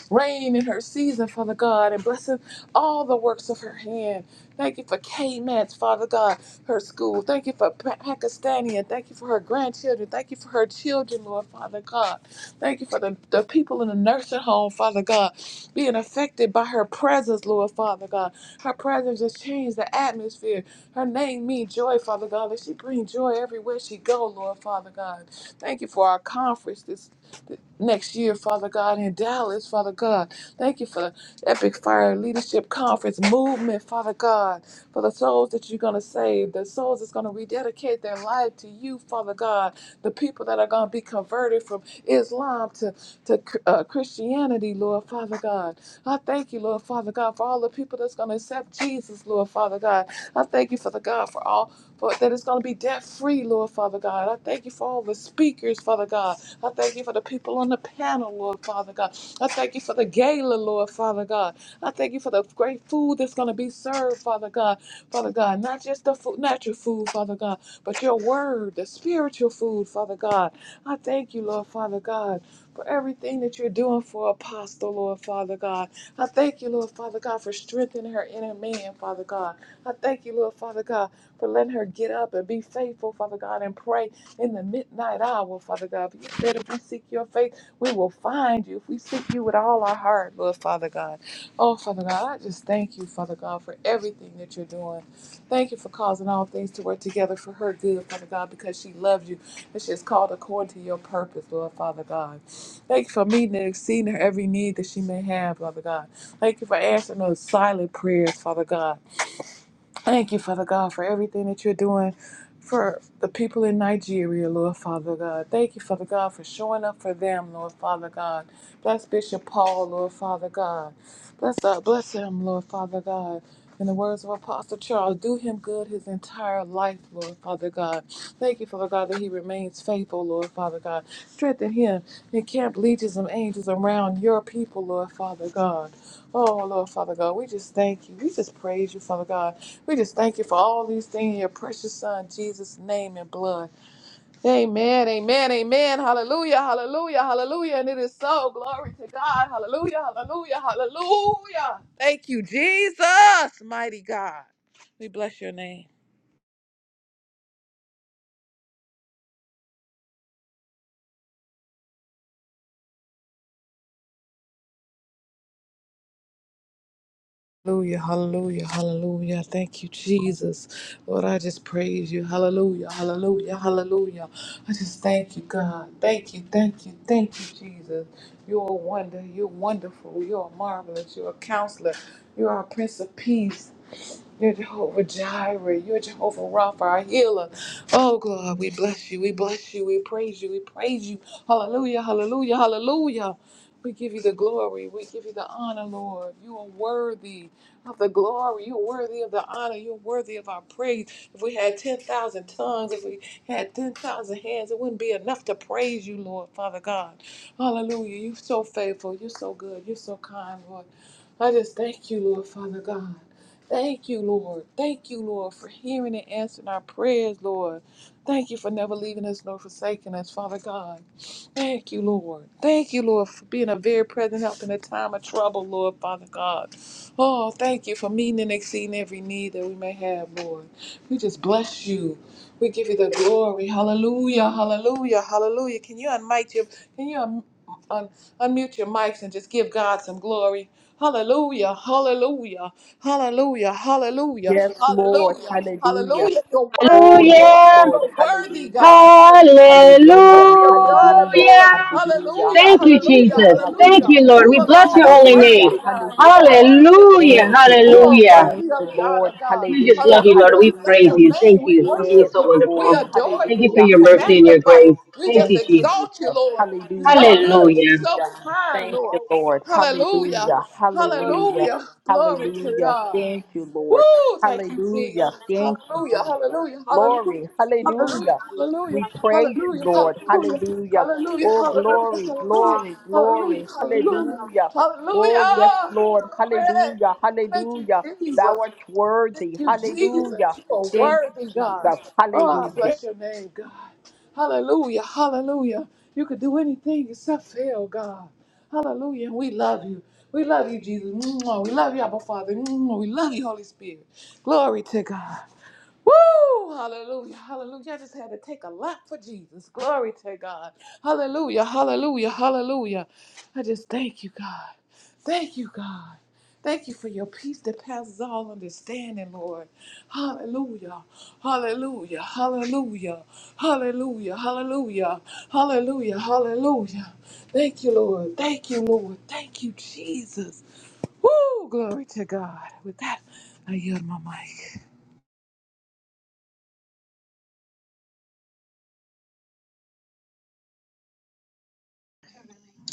rain in her season, Father God, and blessing all the works of her hand. Thank you for K-Mans, Father God, her school. Thank you for Pa- Pakistani, thank you for her grandchildren. Thank you for her children, Lord, Father God. Thank you for the, the people in the nursing home, Father God, being affected by her presence, Lord, Father God. Her presence has changed the atmosphere. Her name means joy, Father God, and she brings joy everywhere she go, Lord, Father God. Thank you for our conference this th- next year, Father God, in Dallas, Father God. Thank you for Epic Fire Leadership Conference movement, Father God, for the souls that you're going to save, the souls that's going to rededicate their life to you, Father God, the people that are going to be converted from Islam to, to uh, Christianity, Lord Father God. I thank you, Lord Father God, for all the people that's going to accept Jesus, Lord Father God. I thank you, Father God, for all for, that it's going to be debt free, Lord Father God. I thank you for all the speakers, Father God. I thank you for the people on the panel, Lord Father God. I thank you for the gala, Lord, Father God. I thank you for the great food that's going to be served, Father God. Father God, not just the food, natural food, Father God, but your word, the spiritual food, Father God. I thank you, Lord, Father God, for everything that you're doing for Apostle, Lord, Father God. I thank you, Lord, Father God, for strengthening her inner man, Father God. I thank you, Lord, Father God, for letting her get up and be faithful, Father God, and pray in the midnight hour, Father God. You said if we seek your face, we will find you if we seek you with all our heart, Lord Father God. Oh, Father God, I just thank you, Father God, for everything that you're doing. Thank you for causing all things to work together for her good, Father God, because she loves you and she is called according to your purpose, Lord Father God. Thank you for meeting and exceeding her every need that she may have, Father God. Thank you for answering those silent prayers, Father God. Thank you, Father God, for everything that you're doing for the people in Nigeria, Lord Father God. Thank you, Father God, for showing up for them, Lord Father God. Bless Bishop Paul, Lord Father God. Bless uh, bless him, Lord Father God. In the words of Apostle Charles, do him good his entire life, Lord Father God. Thank you, Father God, that he remains faithful, Lord Father God. Strengthen him and camp legions of angels around your people, Lord Father God. Oh, Lord Father God, we just thank you. We just praise you, Father God. We just thank you for all these things in your precious son, Jesus' name and blood. Amen, amen, amen. Hallelujah, hallelujah, hallelujah. And it is so. Glory to God. Hallelujah, hallelujah, hallelujah. Thank you, Jesus, mighty God. We bless your name. Hallelujah, hallelujah, hallelujah. Thank you, Jesus. Lord, I just praise you. Hallelujah, hallelujah, hallelujah. I just thank you, God. Thank you, thank you, thank you, Jesus. You're a wonder. You're wonderful. You're marvelous. You're a counselor. You're our Prince of Peace. You're Jehovah Jireh. You're Jehovah Rapha, our healer. Oh, God, we bless you. We bless you. We praise you. We praise you. Hallelujah. Hallelujah. Hallelujah. We give you the glory. We give you the honor, Lord. You are worthy of the glory. You're worthy of the honor. You're worthy of our praise. If we had 10,000 tongues, if we had 10,000 hands, it wouldn't be enough to praise you, Lord, Father God. Hallelujah. You're so faithful. You're so good. You're so kind, Lord. I just thank you, Lord, Father God. Thank you, Lord. Thank you, Lord, for hearing and answering our prayers, Lord. Thank you for never leaving us nor forsaking us, Father God. Thank you, Lord. Thank you, Lord, for being a very present help in a time of trouble, Lord, Father God. Oh, thank you for meeting and exceeding every need that we may have, Lord. We just bless you. We give you the glory. Hallelujah, hallelujah, hallelujah. Can you unmute your, can you un, un, unmute your mics and just give God some glory? Hallelujah, hallelujah, hallelujah, hallelujah, Yes, Lord. hallelujah, Hallelujah. hallelujah. You're worthy, Oh, yes, Hallelujah. Lord. you're worthy, Hallelujah. God. Hallelujah. You're Hallelujah. Hallelujah. worthy of the honor, Hallelujah. Lord. Hallelujah. Hallelujah, Thank you, hallelujah, Hallelujah. Jesus. Thank hallelujah. you, Lord. Hallelujah. You We bless alone your are holy worthy, Hallelujah. name. God. You are Hallelujah. worthy of the Hallelujah. glory. Thank you, You Lord. are Hallelujah. Thank worthy of you, the honor, Lord. God. We just Hallelujah. love you, Lord. Hallelujah. We We bless praise Hallelujah. your you. name. Thank We you for being worship Yes, so you. We Lord. wonderful. adore Thank you you. for Hallelujah. your We mercy and your magnify Hallelujah. you. grace. We Thank just Thank you, you, Jesus. exalt you, You Jesus. Lord. worship, You're you Hallelujah. so good. magnify, you You're Hallelujah. so Hallelujah. kind, Thank Lord. you, Lord. glorify, Hallelujah. Hallelujah. Hallelujah. Hallelujah. Glory you to lift Hallelujah. up God. the Thank name. you, Woo! Lord. Thank you, Thank Jesus. Hallelujah. you, Jesus, Thank for you, Hallelujah, all you've Jesus. hallelujah, done. hallelujah, Glory. Thank you hallelujah, for Hallelujah. how you've hallelujah, We protected us, praise how you, hallelujah, you've Lord. made hallelujah, ways. Hallelujah. hallelujah, hallelujah, Thank Oh, you for being glory, our hallelujah, glory, Father. hallelujah, glory. Thank you for being our hallelujah, Hallelujah. husband. Oh, Thank you yes, hallelujah. for being Lord. our Glory. friend. Hallelujah. Thank you, Hallelujah. We Thou Jesus. art worship you, Thank worthy. you, Jesus. Hallelujah. Lord. You are Thank worthy, you, God. Jesus. Oh, I Hallelujah. bless your name, God. Hallelujah. Hallelujah. You could do anything except fail, God. Hallelujah. And we love you. We love you, Jesus. Mwah. We love you, Abba Father. Mwah. We love you, Holy Spirit. Glory to God. Woo! Hallelujah. Hallelujah. I just had to take a lot for Jesus. Glory to God. Hallelujah. Hallelujah. Hallelujah. I just thank you, God. Thank you, God. Thank you for your peace that passes all understanding, Lord. Hallelujah. Hallelujah. Hallelujah. Hallelujah. Hallelujah. Hallelujah. Hallelujah. Thank you, Lord. Thank you, Lord. Thank you, Jesus. Woo! Glory to God. With that, I yield my mic.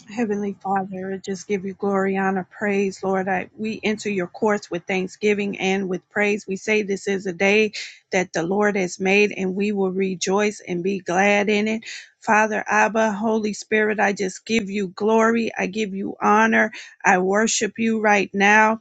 Heavenly Father, I just give you glory, honor, praise, Lord. I, we enter your courts with thanksgiving and with praise. We say this is a day that the Lord has made, and we will rejoice and be glad in it. Father Abba, Holy Spirit, I just give you glory. I give you honor. I worship you right now.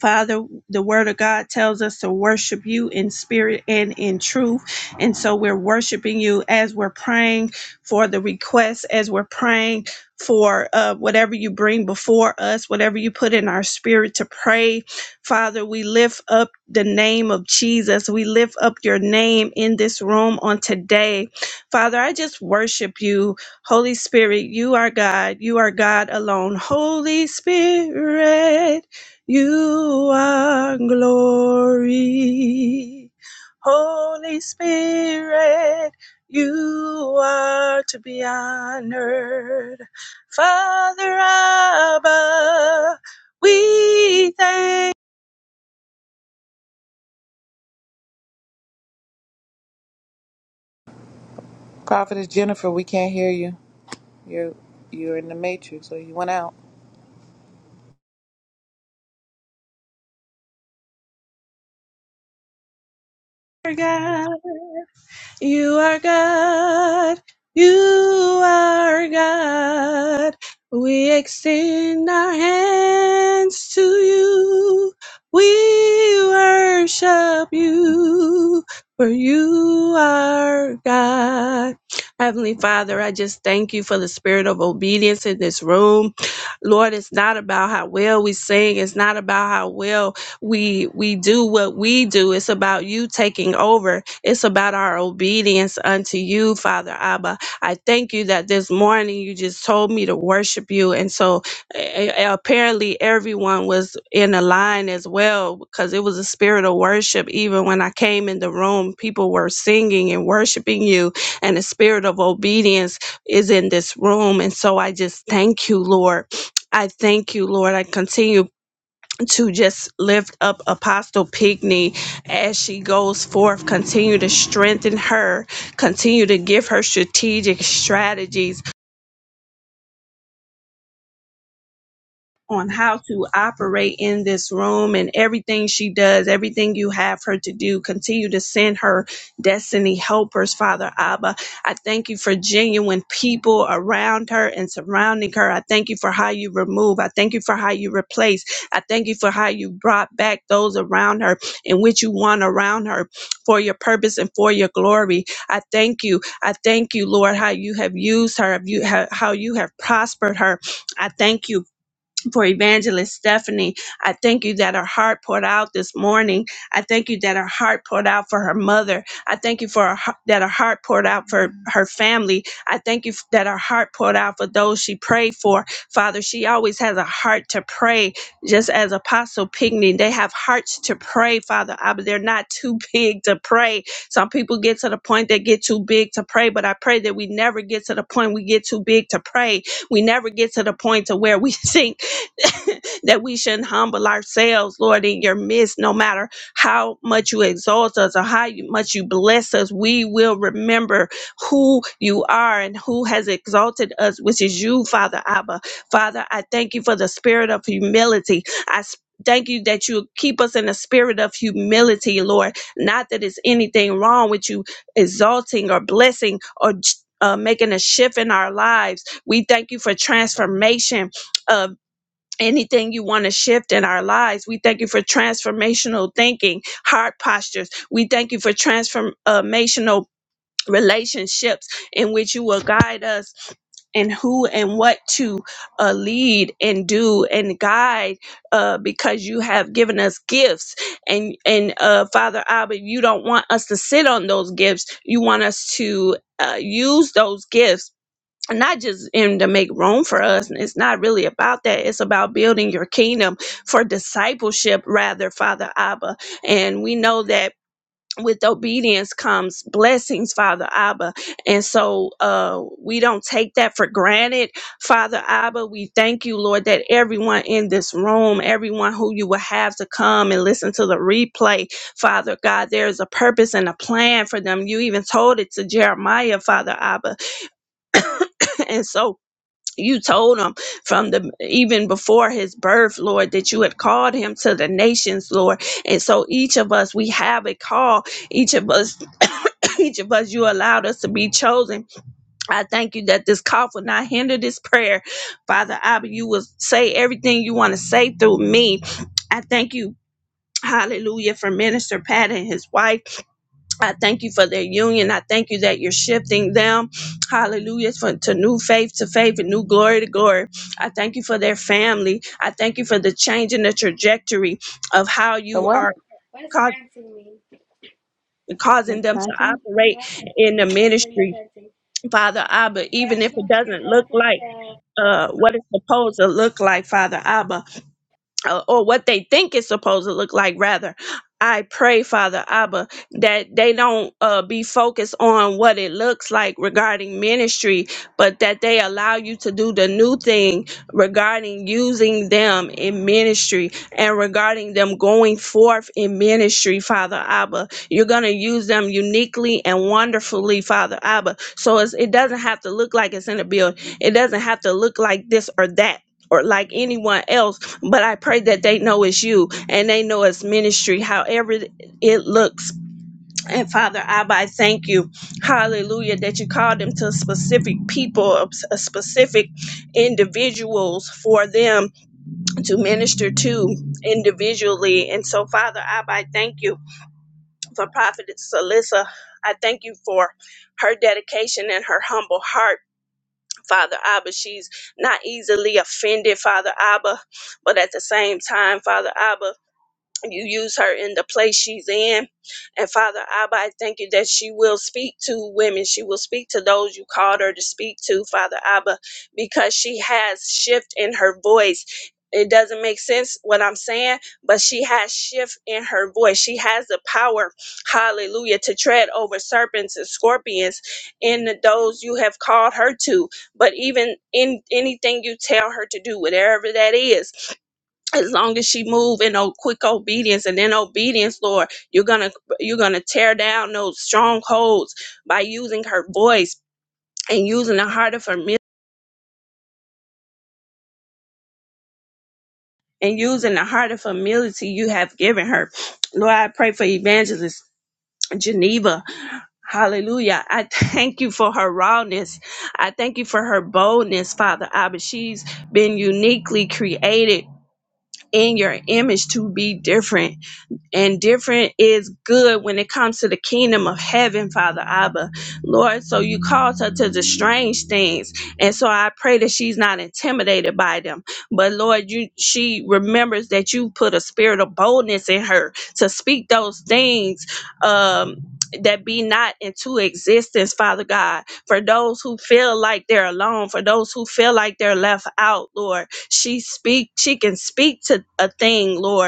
Father, the word of God tells us to worship you in spirit and in truth. And so we're worshiping you as we're praying for the requests, as we're praying for uh, whatever you bring before us, whatever you put in our spirit to pray. Father, we lift up the name of Jesus. We lift up your name in this room on today. Father, I just worship you. Holy Spirit, you are God. You are God alone. Holy Spirit. You are glory. Holy Spirit, you are to be honored. Father Abba, we thank Prophetess Jennifer, we can't hear you. You're you're in the matrix, or you went out. you, God. You are God. You are God. We extend our hands to you. We worship you, for you are God. Heavenly Father, I just thank you for the spirit of obedience in this room. Lord, it's not about how well we sing, it's not about how well we we do what we do. It's about you taking over. It's about our obedience unto you, Father Abba. I thank you that this morning you just told me to worship you, and so a- a- apparently everyone was in a line as well because it was a spirit of worship. Even when I came in the room, people were singing and worshiping you, and the spirit of obedience is in this room. And so I just thank you, Lord. I thank you, Lord. I continue to just lift up Apostle Pigney as she goes forth. Continue to strengthen her. Continue to give her strategic strategies on how to operate in this room and everything she does, everything you have her to do. Continue to send her destiny helpers, Father Abba. I thank you for genuine people around her and surrounding her. I thank you for how you remove. I thank you for how you replace. I thank you for how you brought back those around her and which you want around her for your purpose and for your glory. I thank you. I thank you, Lord, how you have used her, you how how you have prospered her. I thank you for Evangelist Stephanie. I thank you that her heart poured out this morning. I thank you that her heart poured out for her mother. I thank you for her, heart- that her heart poured out for her family. I thank you f- that her heart poured out for those she prayed for. Father, she always has a heart to pray, just as Apostle Pigney. They have hearts to pray, Father, I- but they're not too big to pray. Some people get to the point they get too big to pray, but I pray that we never get to the point we get too big to pray. We never get to the point to where we think that we shouldn't humble ourselves, Lord, in your midst, no matter how much you exalt us or how you- much you bless us, we will remember who you are and who has exalted us, which is you, Father Abba. Father, I thank you for the spirit of humility. I s- Thank you that you keep us in a spirit of humility, Lord. Not that it's anything wrong with you exalting or blessing or uh, making a shift in our lives. We thank you for transformation of anything you want to shift in our lives. We thank you for transformational thinking, heart postures. We thank you for transformational relationships in which you will guide us and who and what to uh, lead and do and guide uh, because you have given us gifts and and uh, father abba you don't want us to sit on those gifts you want us to uh, use those gifts not just in to make room for us. and It's not really about that. It's about building your kingdom for discipleship, rather, Father Abba. And we know that with obedience comes blessings, Father Abba. And so uh, we don't take that for granted, Father Abba. We thank you, Lord, that everyone in this room, everyone who you will have to come and listen to the replay, Father God, there is a purpose and a plan for them. You even told it to Jeremiah, Father Abba. And so you told him from the even before his birth lord that you had called him to the nations lord and so each of us we have a call each of us each of us you allowed us to be chosen i thank you that this cough will not hinder this prayer father abba you will say everything you want to say through me i thank you Hallelujah for Minister Pat and his wife. I thank you for their union. I thank you that you're shifting them, hallelujah, for, to new faith to faith and new glory to glory. I thank you for their family. I thank you for the change in the trajectory of how The you what? are ca- causing Like them to planting? operate in the ministry. Father Abba, even if it doesn't look like uh, what it's supposed to look like, Father Abba, uh, or what they think it's supposed to look like rather i pray father abba that they don't uh, be focused on what it looks like regarding ministry but that they allow you to do the new thing regarding using them in ministry and regarding them going forth in ministry father abba you're going to use them uniquely and wonderfully father abba so it's, it doesn't have to look like it's in a build it doesn't have to look like this or that or like anyone else but I pray that they know it's you and they know it's ministry, however it looks. And Father Abba, I thank you, hallelujah, that you called them to specific people, uh, specific individuals for them to minister to individually. And so, Father Abba, I thank you for Prophetess Alyssa. I thank you for her dedication and her humble heart, Father Abba. She's not easily offended, Father Abba, but at the same time, Father Abba, you use her in the place she's in. And Father Abba, I thank you that she will speak to women. She will speak to those you called her to speak to, Father Abba, because she has shift in her voice. It doesn't make sense what I'm saying, but she has shift in her voice. She has the power, hallelujah, to tread over serpents and scorpions in the- those you have called her to. But even in anything you tell her to do, whatever that is, as long as she move in o- quick obedience and in obedience lord you're gonna you're gonna tear down those strongholds by using her voice and using the heart of her and using the heart of humility you have given her lord i pray for evangelist geneva Hallelujah. I thank you for her rawness. I thank you for her boldness, Father Abba. She's been uniquely created in your image to be different. and different is good when it comes to the kingdom of heaven, Father Abba. Lord, so you called her to the strange things. And so I pray that she's not intimidated by them. But Lord, you she remembers that you put a spirit of boldness in her to speak those things um that be not into existence, Father God. For those who feel like they're alone, for those who feel like they're left out, Lord, she speak. She can speak to a thing, Lord,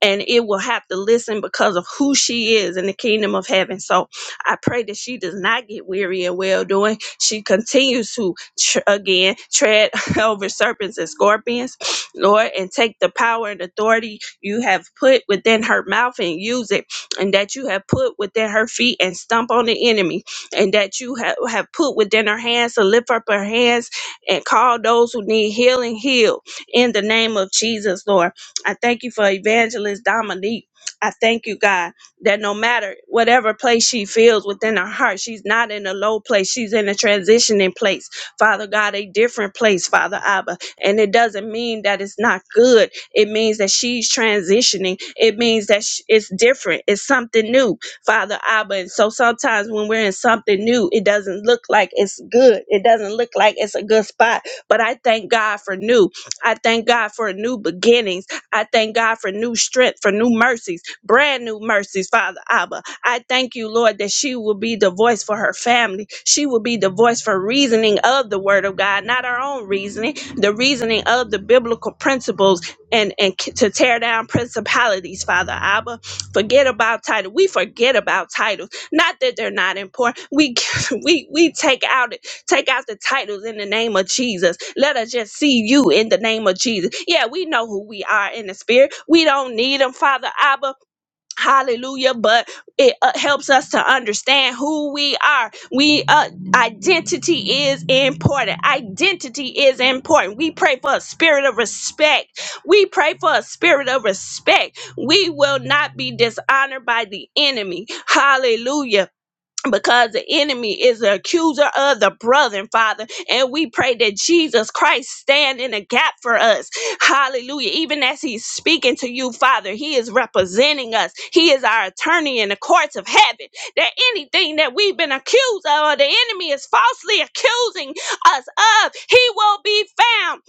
and it will have to listen because of who she is in the kingdom of heaven. So I pray that she does not get weary in well doing. She continues to, tr- again, tread over serpents and scorpions, Lord, and take the power and authority you have put within her mouth and use it, and that you have put within her feet and stomp on the enemy, and that you have, have put within her hands to lift up her hands and call those who need healing heal in the name of Jesus, Lord. I thank you for Evangelist Dominique. I thank you, God, that no matter whatever place she feels within her heart, she's not in a low place. She's in a transitioning place. Father God, a different place, Father Abba. And it doesn't mean that it's not good. It means that she's transitioning. It means that sh- it's different. It's something new, Father Abba. And so sometimes when we're in something new, it doesn't look like it's good. It doesn't look like it's a good spot. But I thank God for new. I thank God for a new beginning. I thank God for new strength, for new mercies, brand new mercies, Father Abba. I thank you, Lord, that she will be the voice for her family. She will be the voice for reasoning of the Word of God, not our own reasoning, the reasoning of the biblical principles and, and c- to tear down principalities, Father Abba. Forget about title. We forget about titles. Not that they're not important. We we we take out Take out the titles in the name of Jesus. Let us just see you in the name of Jesus. Yeah, we know who we are in the spirit. We don't need them, Father Abba. Hallelujah. But it uh, helps us to understand who we are. We uh, identity is important. Identity is important. We pray for a spirit of respect. We pray for a spirit of respect. We will not be dishonored by the enemy. Hallelujah because the enemy is the accuser of the brethren, Father. And we pray that Jesus Christ stand in the gap for us. Hallelujah. Even as he's speaking to you, Father, he is representing us. He is our attorney in the courts of heaven. That anything that we've been accused of or the enemy is falsely accusing us of, he will be found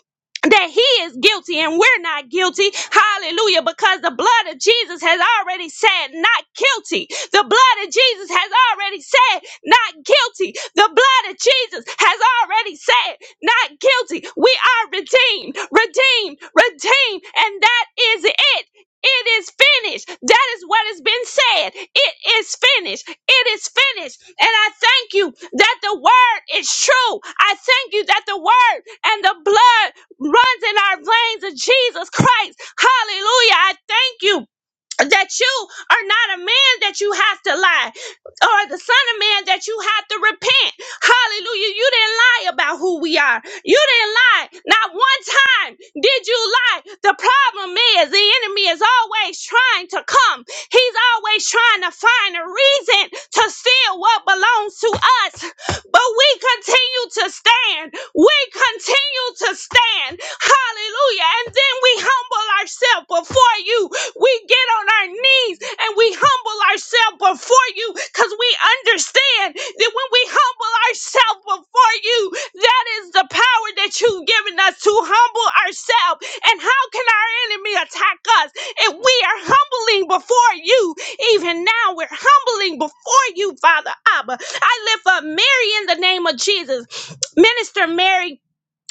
that he is guilty and we're not guilty. Hallelujah. Because the blood of Jesus has already said not guilty. The blood of Jesus has already said not guilty. The blood of Jesus has already said not guilty. We are redeemed, redeemed, redeemed. And that is it. It is finished. That is what has been said. It is finished. It is finished. And I thank you that the word is true. I thank you that the word and the blood runs in our veins of Jesus Christ. Hallelujah. I thank you that you are not a man that you have to lie, or the son of man that you have to repent. Hallelujah. You didn't lie about who we are. You didn't lie. Not one time did you lie. The problem is the enemy is always trying to come, he's always trying to find a reason to steal what belongs to us. But we continue to stand. We continue to stand. Hallelujah. And then we humble ourselves before you we get on our knees and we humble ourselves before you because we understand that when we humble ourselves before you, that is the power that you've given us to humble ourselves. And how can our enemy attack us if we are humbling before you? Even now, we're humbling before you, Father Abba. I lift up Mary in the name of Jesus. Minister Mary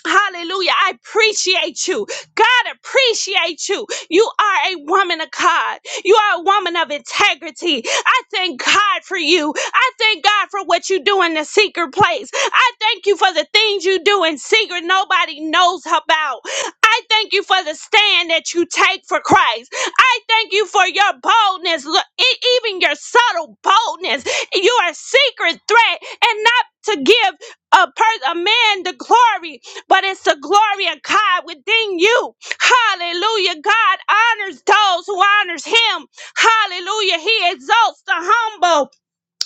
Hallelujah. I appreciate you. God appreciate you. You are a woman of God. You are a woman of integrity. I thank God for you. I thank God for what you do in the secret place. I thank you for the things you do in secret nobody knows about. I thank you for the stand that you take for Christ. I thank you for your boldness, lo- e- even your subtle boldness. You are a secret threat and not to give a, per- a man the glory but it's the glory of God within you. Hallelujah. God honors those who honors him. Hallelujah. He exalts the humble.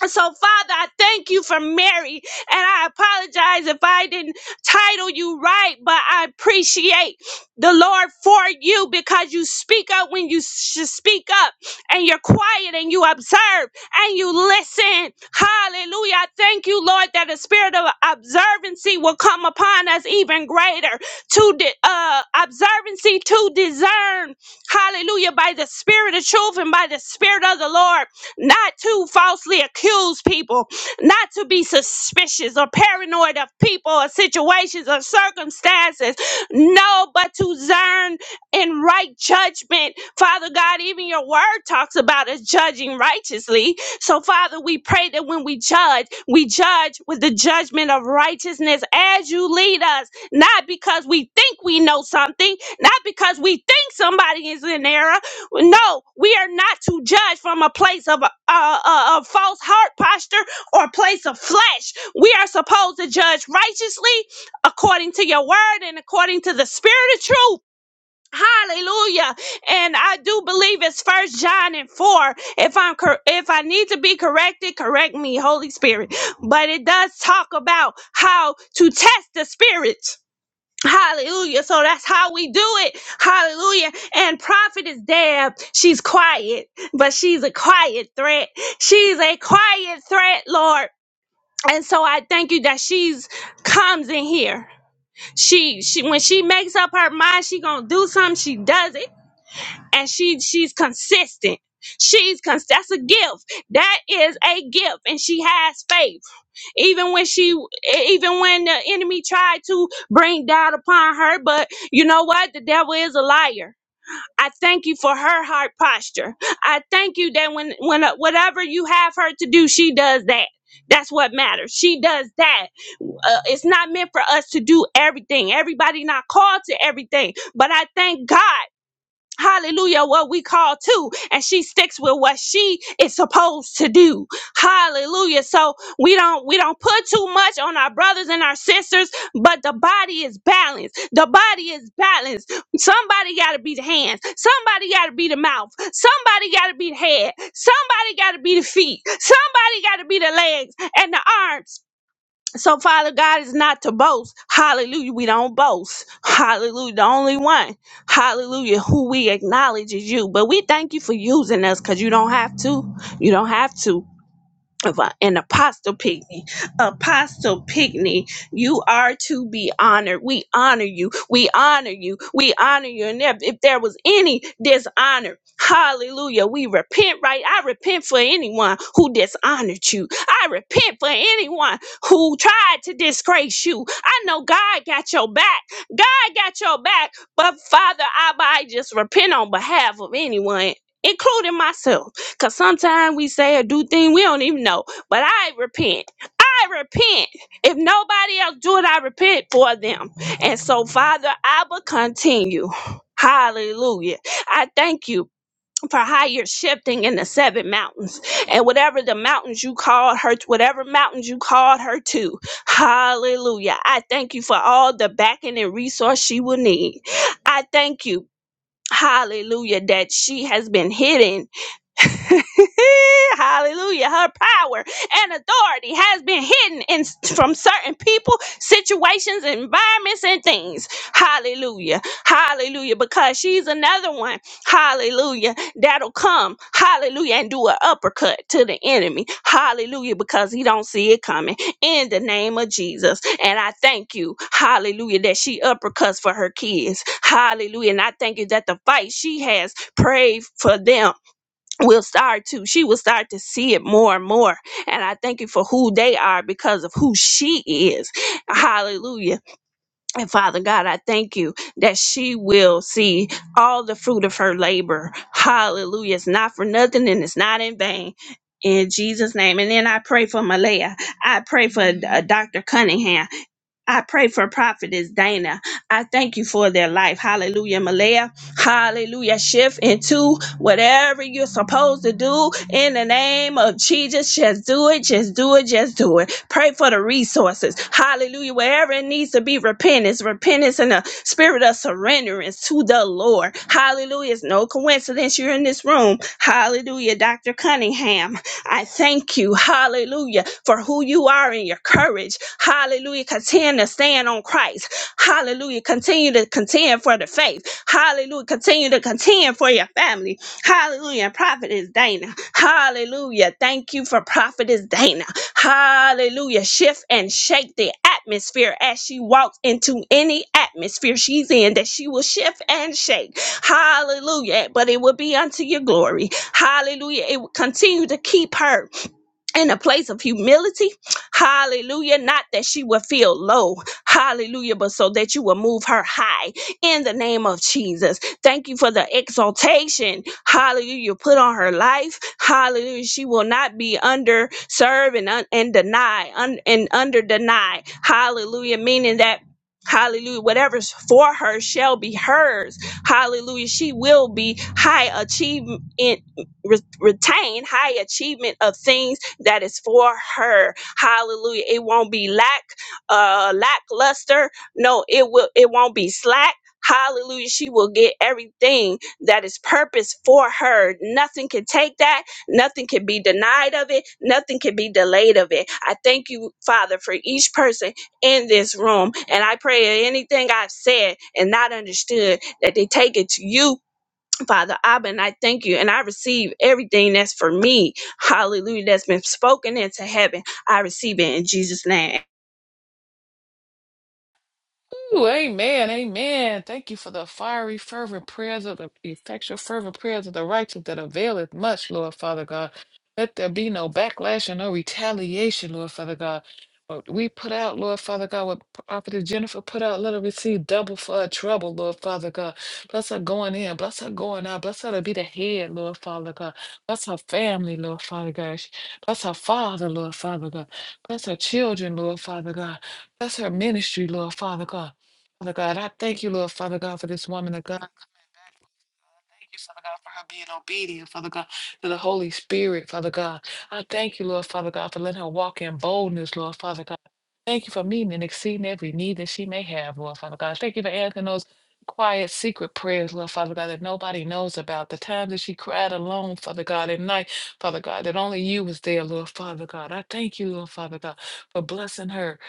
So, Father, I thank you for Mary, and I apologize if I didn't title you right, but I appreciate the Lord for you because you speak up when you should speak up, and you're quiet and you observe and you listen. Hallelujah. I thank you, Lord, that the spirit of observancy will come upon us even greater to di- uh, observancy to discern. Hallelujah. By the spirit of truth and by the spirit of the Lord not to falsely accuse people, not to be suspicious or paranoid of people or situations or circumstances. No, but to discern in right judgment. Father God, even your word talks about us judging righteously. So, Father, we pray that when we judge, we judge with the judgment of righteousness as you lead us, not because we think we know something, not because we think somebody is in error, no, we are not to judge from a place of a, a, a, a false heart posture or a place of flesh. We are supposed to judge righteously according to your word and according to the spirit of truth. Hallelujah. And I do believe it's first John and 4. If I'm cor- if I need to be corrected, correct me, Holy Spirit. But it does talk about how to test the spirits Hallelujah. So that's how we do it. Hallelujah. And prophet is there. She's quiet, but she's a quiet threat. She's a quiet threat, Lord. And so I thank you that she's comes in here. She she when she makes up her mind she gonna do something, she does it and she she's consistent. She's cons- that's a gift. That is a gift, and she has faith. Even when she, e, even when the enemy tried to bring doubt upon her, but you know what? The devil is a liar. I thank you for her heart posture. I thank you that when when uh, whatever you have her to do, she does that. That's what matters. She does that. Uh, it's not meant for us to do everything. Everybody not called to everything. But I thank God. Hallelujah, what we call to, and she sticks with what she is supposed to do. Hallelujah. So we don't we don't put too much on our brothers and our sisters, but the body is balanced. The body is balanced. Somebody gotta be the hands, somebody gotta be the mouth, somebody gotta be the head, somebody gotta be the feet, somebody gotta be the legs and the arms. So, Father God is not to boast. Hallelujah. We don't boast. Hallelujah. The only one, hallelujah, who we acknowledge is you. But we thank you for using us because you don't have to. You don't have to of a- an apostle Pigney. Apostle Pigney, you are to be honored. We honor you. We honor you. We honor you. And if, if there was any dishonor, hallelujah, we repent right. I repent for anyone who dishonored you. I repent for anyone who tried to disgrace you. I know God got your back. God got your back. But Father, I, I just repent on behalf of anyone, including myself. Cause sometimes we say or do things we don't even know. But I repent. I repent. If nobody else do it, I repent for them. And so, Father, I will continue. Hallelujah. I thank you for how you're shifting in the seven mountains and whatever the mountains you called her whatever mountains you called her to. Hallelujah. I thank you for all the backing and resource she will need. I thank you. Hallelujah, that she has been hidden Hallelujah. Her power and authority has been hidden in, from certain people, situations, environments, and things. Hallelujah. Hallelujah. Because she's another one. Hallelujah. That'll come. Hallelujah. And do an uppercut to the enemy. Hallelujah. Because he don't see it coming. In the name of Jesus. And I thank you. Hallelujah. That she uppercuts for her kids. Hallelujah. And I thank you that the fight she has prayed for them will start to she will start to see it more and more and i thank you for who they are because of who she is hallelujah and father god i thank you that she will see all the fruit of her labor hallelujah it's not for nothing and it's not in vain in Jesus' name. And then I pray for Malaya. I pray for uh, Dr. Cunningham. I pray for prophetess Dana. I thank you for their life. Hallelujah, Malaya. Hallelujah. Shift into whatever you're supposed to do in the name of Jesus. Just do it. Just do it. Just do it. Pray for the resources. Hallelujah. Wherever it needs to be repentance, repentance and a spirit of surrenderance to the Lord. Hallelujah. It's no coincidence you're in this room. Hallelujah. Dr. Cunningham, I thank you. Hallelujah. For who you are and your courage. Hallelujah. Continue to stand on Christ. Hallelujah. Continue to to contend for the faith. Hallelujah. Continue to contend for your family. Hallelujah. And Prophetess Dana. Hallelujah. Thank you for Prophetess Dana. Hallelujah. Shift and shake the atmosphere as she walks into any atmosphere she's in that she will shift and shake. Hallelujah. But it will be unto your glory. Hallelujah. It will continue to keep her in a place of humility. Hallelujah. Not that she would feel low. Hallelujah. But so that you will move her high in the name of Jesus. Thank you for the exaltation. Hallelujah. You put on her life. Hallelujah. She will not be under serve and, un- and deny un- and under deny. Hallelujah. Meaning that Hallelujah. Whatever's for her shall be hers. Hallelujah. She will be high achievement, re- retain high achievement of things that is for her. Hallelujah. It won't be lack uh lackluster. No, it will it won't be slack. Hallelujah. She will get everything that is purpose for her. Nothing can take that. Nothing can be denied of it. Nothing can be delayed of it. I thank you, Father, for each person in this room. And I pray that anything I've said and not understood, that they take it to you, Father Abba. And I thank you. And I receive everything that's for me. Hallelujah. That's been spoken into heaven. I receive it in Jesus' name. Ooh, amen, amen. Thank you for the fiery, fervent prayers of the effectual, fervent prayers of the righteous that availeth much, Lord Father God. Let there be no backlash and no retaliation, Lord Father God. What we put out, Lord Father God, what Prophet Jennifer put out, let her receive double for her trouble, Lord Father God. Bless her going in, bless her going out, bless her to be the head, Lord Father God. Bless her family, Lord Father God. Bless her father, Lord Father God. Bless her children, Lord Father God. Bless her ministry, Lord Father God. Father God, I thank you, Lord Father God, for this woman of God. coming back. Thank you, Father God, for her being obedient, Father God, to the Holy Spirit, Father God. I thank you, Lord Father God, for letting her walk in boldness, Lord Father God. Thank you for meeting and exceeding every need that she may have, Lord Father God. Thank you for answering those quiet, secret prayers, Lord Father God, that nobody knows about. The times that she cried alone, Father God, at night, Father God, that only you was there, Lord Father God. I thank you, Lord Father God, for blessing her.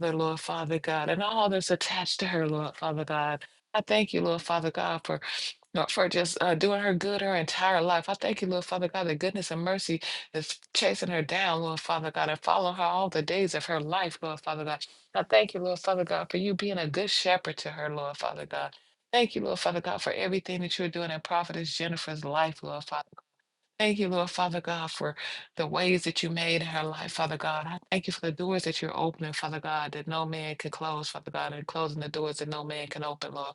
Father, Lord Father God, and all that's attached to her, Lord Father God. I thank you, Lord Father God, for Lord, for just uh, doing her good her entire life. I thank you, Lord Father God, that goodness and mercy is chasing her down, Lord Father God, and following her all the days of her life, Lord Father God. I thank you, Lord Father God, for you being a good shepherd to her, Lord Father God. Thank you, Lord Father God, for everything that you're doing in Prophetess Jennifer's life, Lord Father. Thank you, Lord Father God, for the ways that you made in her life, Father God. I thank you for the doors that you're opening, Father God, that no man can close, Father God, and closing the doors that no man can open, Lord.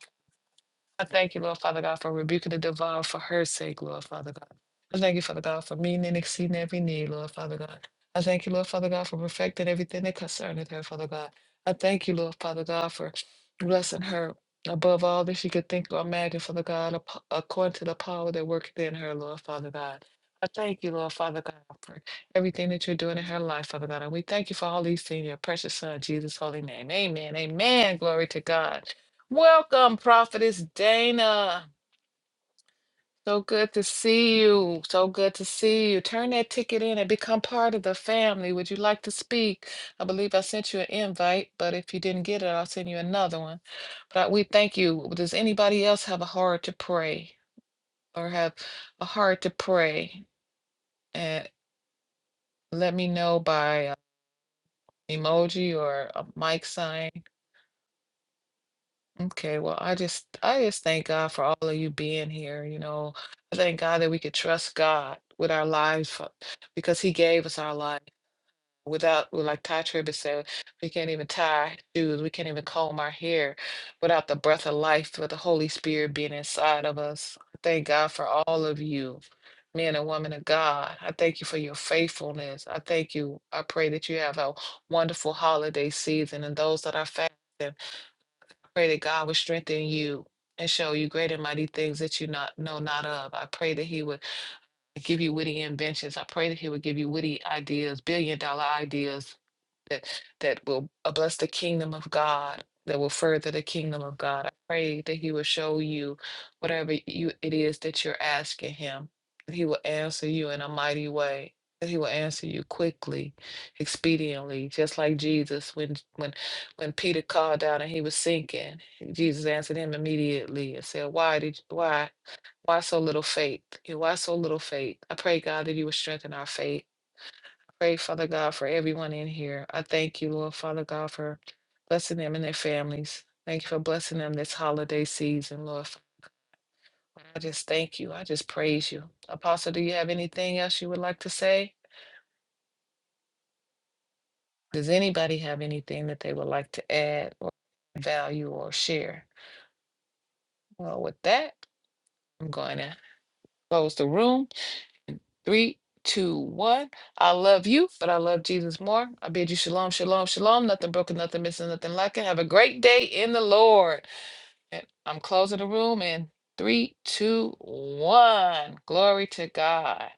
I thank you, Lord Father God, for rebuking the devourer for her sake, Lord Father God. I thank you, Father God, for meeting and exceeding every need, Lord Father God. I thank you, Lord Father God, for perfecting everything that concerneth her, Father God. I thank you, Lord Father God, for blessing her above all that she could think or imagine, Father God, ap- according to the power that worketh in her, Lord Father God. I thank you, Lord Father God, for everything that you're doing in her life, Father God. And we thank you for all these things in your precious Son, Jesus' holy name. Amen. Amen. Glory to God. Welcome, Prophetess Dana. So good to see you. So good to see you. Turn that ticket in and become part of the family. Would you like to speak? I believe I sent you an invite, but if you didn't get it, I'll send you another one. But we thank you. Does anybody else have a heart to pray or have a heart to pray? And let me know by uh, emoji or a mic sign. Okay, well, I just I just thank God for all of you being here. You know, I thank God that we could trust God with our lives for, because He gave us our life. Without, well, like Ty Tribbett said, we can't even tie our shoes, we can't even comb our hair without the breath of life, with the Holy Spirit being inside of us. I Thank God for all of you, men and women of God. I thank you for your faithfulness. I thank you. I pray that you have a wonderful holiday season and those that are fasting pray that God would strengthen you and show you great and mighty things that you not know not of. I pray that He would give you witty inventions. I pray that He would give you witty ideas, billion dollar ideas, that that will uh, bless the kingdom of God, that will further the kingdom of God. I pray that He will show you whatever you it is that you're asking Him. That He will answer you in a mighty way. That He will answer you quickly, expediently, just like Jesus when when when Peter called out and he was sinking. Jesus answered him immediately and said, "Why did why?" Why so little faith? You know, Why so little faith? I pray, God, that you will strengthen our faith Pray, Father God, for everyone in here. I thank you, Lord, Father God, for blessing them and their families. Thank you for blessing them this holiday season, Lord. I just thank you. I just praise you. Apostle, do you have anything else you would like to say? Does anybody have anything that they would like to add or value or share? Well, with that, I'm going to close the room. Three, two, one. I love you, but I love Jesus more. I bid you shalom, shalom, shalom. Nothing broken, nothing missing, nothing lacking. Have a great day in the Lord. And I'm closing the room in three, two, one. Glory to God.